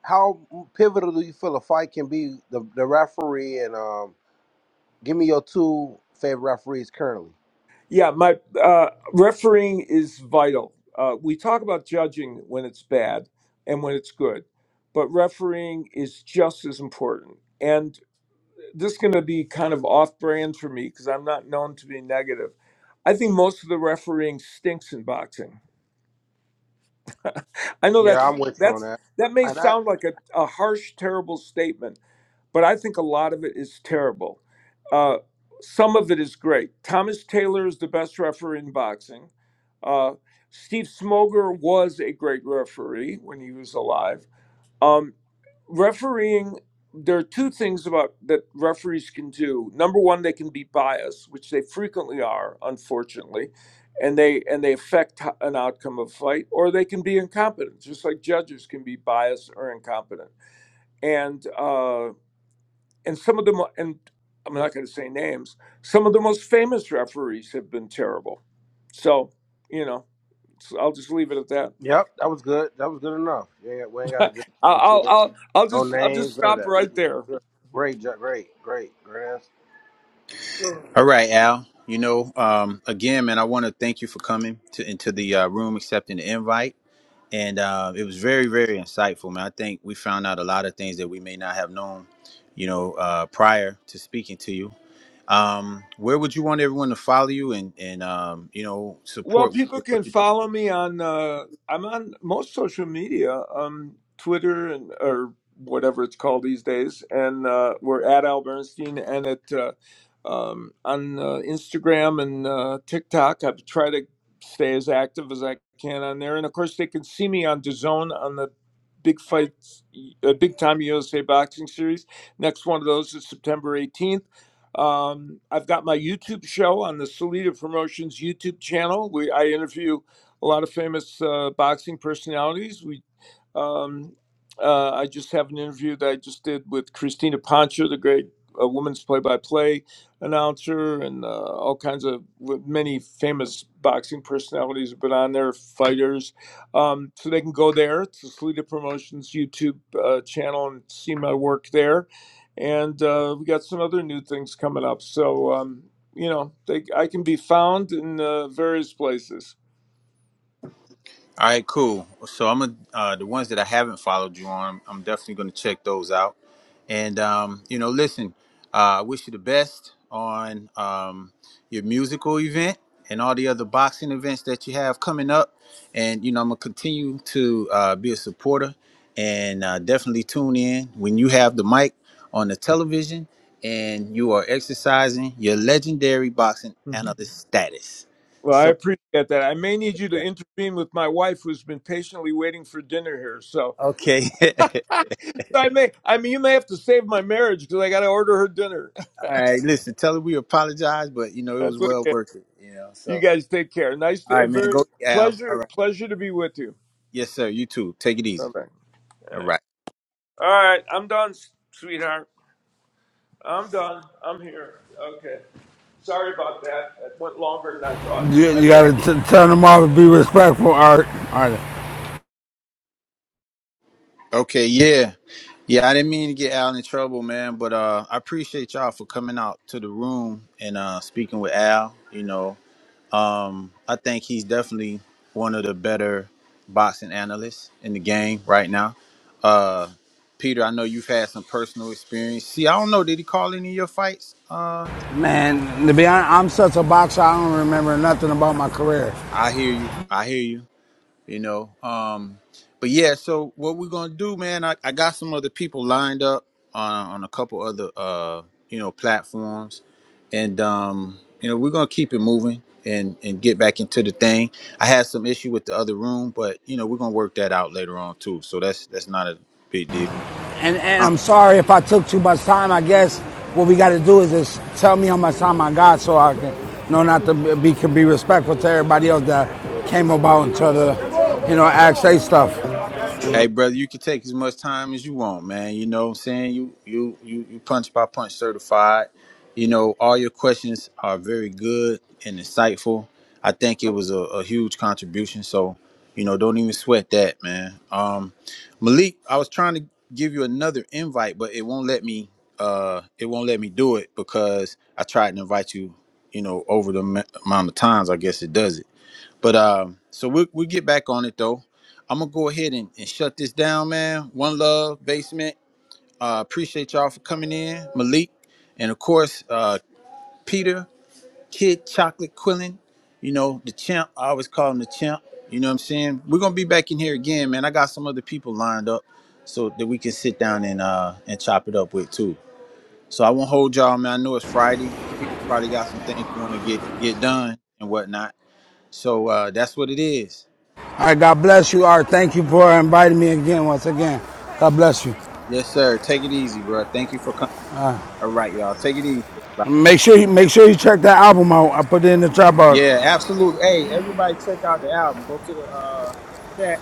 B: how pivotal do you feel a fight can be the the referee and um give me your two favorite referees currently?
C: yeah my uh refereeing is vital uh we talk about judging when it's bad and when it's good but refereeing is just as important And. this is going to be kind of off brand for me because I'm not known to be negative. I think most of the refereeing stinks in boxing. I know
B: Yeah,
C: that's
B: I'm with you on
C: that's
B: that.
C: that may
B: and I.
C: sound like a, a harsh, terrible statement, but I think a lot of it is terrible. Uh, some of it is great. Thomas Taylor is the best referee in boxing. Uh, Steve Smoger was a great referee when he was alive. Um, refereeing, there are two things about that referees can do. Number one, they can be biased, which they frequently are, unfortunately, and they and they affect ho- an outcome of a fight. Or they can be incompetent, just like judges can be biased or incompetent. And uh, and some of the mo- and I'm not going to say names. Some of the most famous referees have been terrible. So you know, so I'll just leave it at that.
B: Yep, that was good. That was good enough. Yeah, yeah, we ain't got to
C: I'll,
B: get into
C: I'll
B: it.
C: I'll I'll
B: No
C: just I'll just
B: names, none of
C: stop
B: that. We
C: right there.
B: good. great, jo- great, great, great.
A: All right, Al. You know, um, again, man, I want to thank you for coming to into the uh, room, accepting the invite. and uh, it was very very insightful man i think we found out a lot of things that we may not have known you know uh, prior to speaking to you um, where would you want everyone to follow you and and um, you know
C: Well,
A: support
C: people can follow me on. Uh, I'm on most social media, um, Twitter and or whatever it's called these days, and uh, we're at Al Bernstein and at uh, um, on uh, Instagram and uh, TikTok. I try to stay as active as I can on there, and of course they can see me on DAZN on the big fights, uh, big time USA boxing series. Next one of those is September 18th um, I've got my YouTube show on the Salida Promotions YouTube channel. We I interview a lot of famous uh, boxing personalities. We um, uh, I just have an interview that I just did with Christina Pancha, the great uh, women's play-by-play announcer, and uh, all kinds of many famous boxing personalities have been on there, fighters. Um, so they can go there to Salida Promotions YouTube uh, channel and see my work there and uh, we got some other new things coming up. So um, you know, they, I can be found in uh, various places.
A: All right, cool. So I'm gonna uh, the ones that I haven't followed you on. I'm definitely gonna check those out. And um, you know, listen, uh, I wish you the best on um, your musical event and all the other boxing events that you have coming up. And you know, I'm gonna continue to uh, be a supporter and uh, definitely tune in when you have the mic on the television and you are exercising your legendary boxing
C: Mhm.
A: analyst status.
C: Well, I
A: So
C: appreciate that. I may need you to
A: yeah,
C: intervene with my wife, who's been patiently waiting for dinner here. So,
A: okay.
C: so I may, I mean, you may have to save my marriage because I got to order her dinner.
A: All right, listen, tell her we apologize, but you know, it was
C: That's
A: well
C: okay.
A: worth it, you know.
C: You
A: So
C: guys take care. Nice,
A: all
C: to,
A: right, man,
C: very
A: go eat, Al. All
C: pleasure,
A: right.
C: pleasure to be with you.
A: Yes, sir, you too. Take it
C: Bye
A: easy. All right.
C: All right, I'm done, sweetheart. I'm done. I'm here. Okay. Sorry about that. That went longer than I thought.
E: You,
C: My
E: you got
C: bad.
E: to turn them off and be respectful, Art. All right.
A: Okay, yeah. Yeah, I didn't mean to get Al in trouble, man, but uh I appreciate y'all for coming out to the room and uh speaking with Al, you know. Um I think he's definitely one of the better boxing analysts in the game right now. Uh Peter, I know you've had some personal experience. See, I don't know, did he call any of your fights? uh,
E: Man, to be honest, I'm such a boxer, I don't remember nothing about my career.
A: I hear you. I hear you. You know. Um, but yeah, so what we're gonna do, man, I, I got some other people lined up on on a couple other uh, you know, platforms. And um, you know, we're gonna keep it moving and and get back into the thing. I had some issue with the other room, but you know, we're gonna work that out later on too. So that's that's not a big deal.
E: And, and I'm sorry if I took too much time. I guess what we got to do is just tell me how much time I got so I can know not to be can be respectful to everybody else that came about and try to, you know, ask they stuff. All
A: Hey, brother, you can take as much time as you want, man. You know what I'm saying? You you you you punch by punch certified. You know, all your questions are very good and insightful. I think it was a, a huge contribution. So, you know, don't even sweat that, man. Um Malik, I was trying to give you another invite, but it won't let me uh it won't let me do it because I tried to invite you, you know, over the ma- amount of times I guess it does it. But um, so we'll we'll get back on it though. I'm gonna go ahead and, and shut this down, man. One love, basement. Uh, appreciate y'all for coming in, Malik, and of course uh, Peter, Kid Chocolate Quillin. You know the champ. I always call him the champ. You know what I'm saying? We're gonna be back in here again, man. I got some other people lined up so that we can sit down and uh and chop it up with too. So I won't hold y'all, man. I know it's Friday. People probably got some things you want to get get done and whatnot. So uh, that's what it is.
E: right, God bless you, Art. Thank you for inviting me again, once again. God bless you.
A: Yes, sir. Take it easy, bro. Thank you for coming. All right, y'all. Take it easy, everybody.
E: Make sure you make sure you check that album out. I put it in the trap box.
A: Yeah, absolutely. Hey, everybody, check out the album. Go to the uh, chat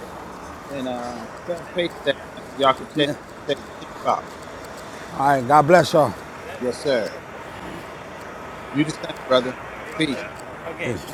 A: and uh, cut and paste that, man, so y'all can check
E: All
A: check the champ out.
E: right, God bless y'all.
A: Yes, sir. You the same, brother. Peace.
E: Peace.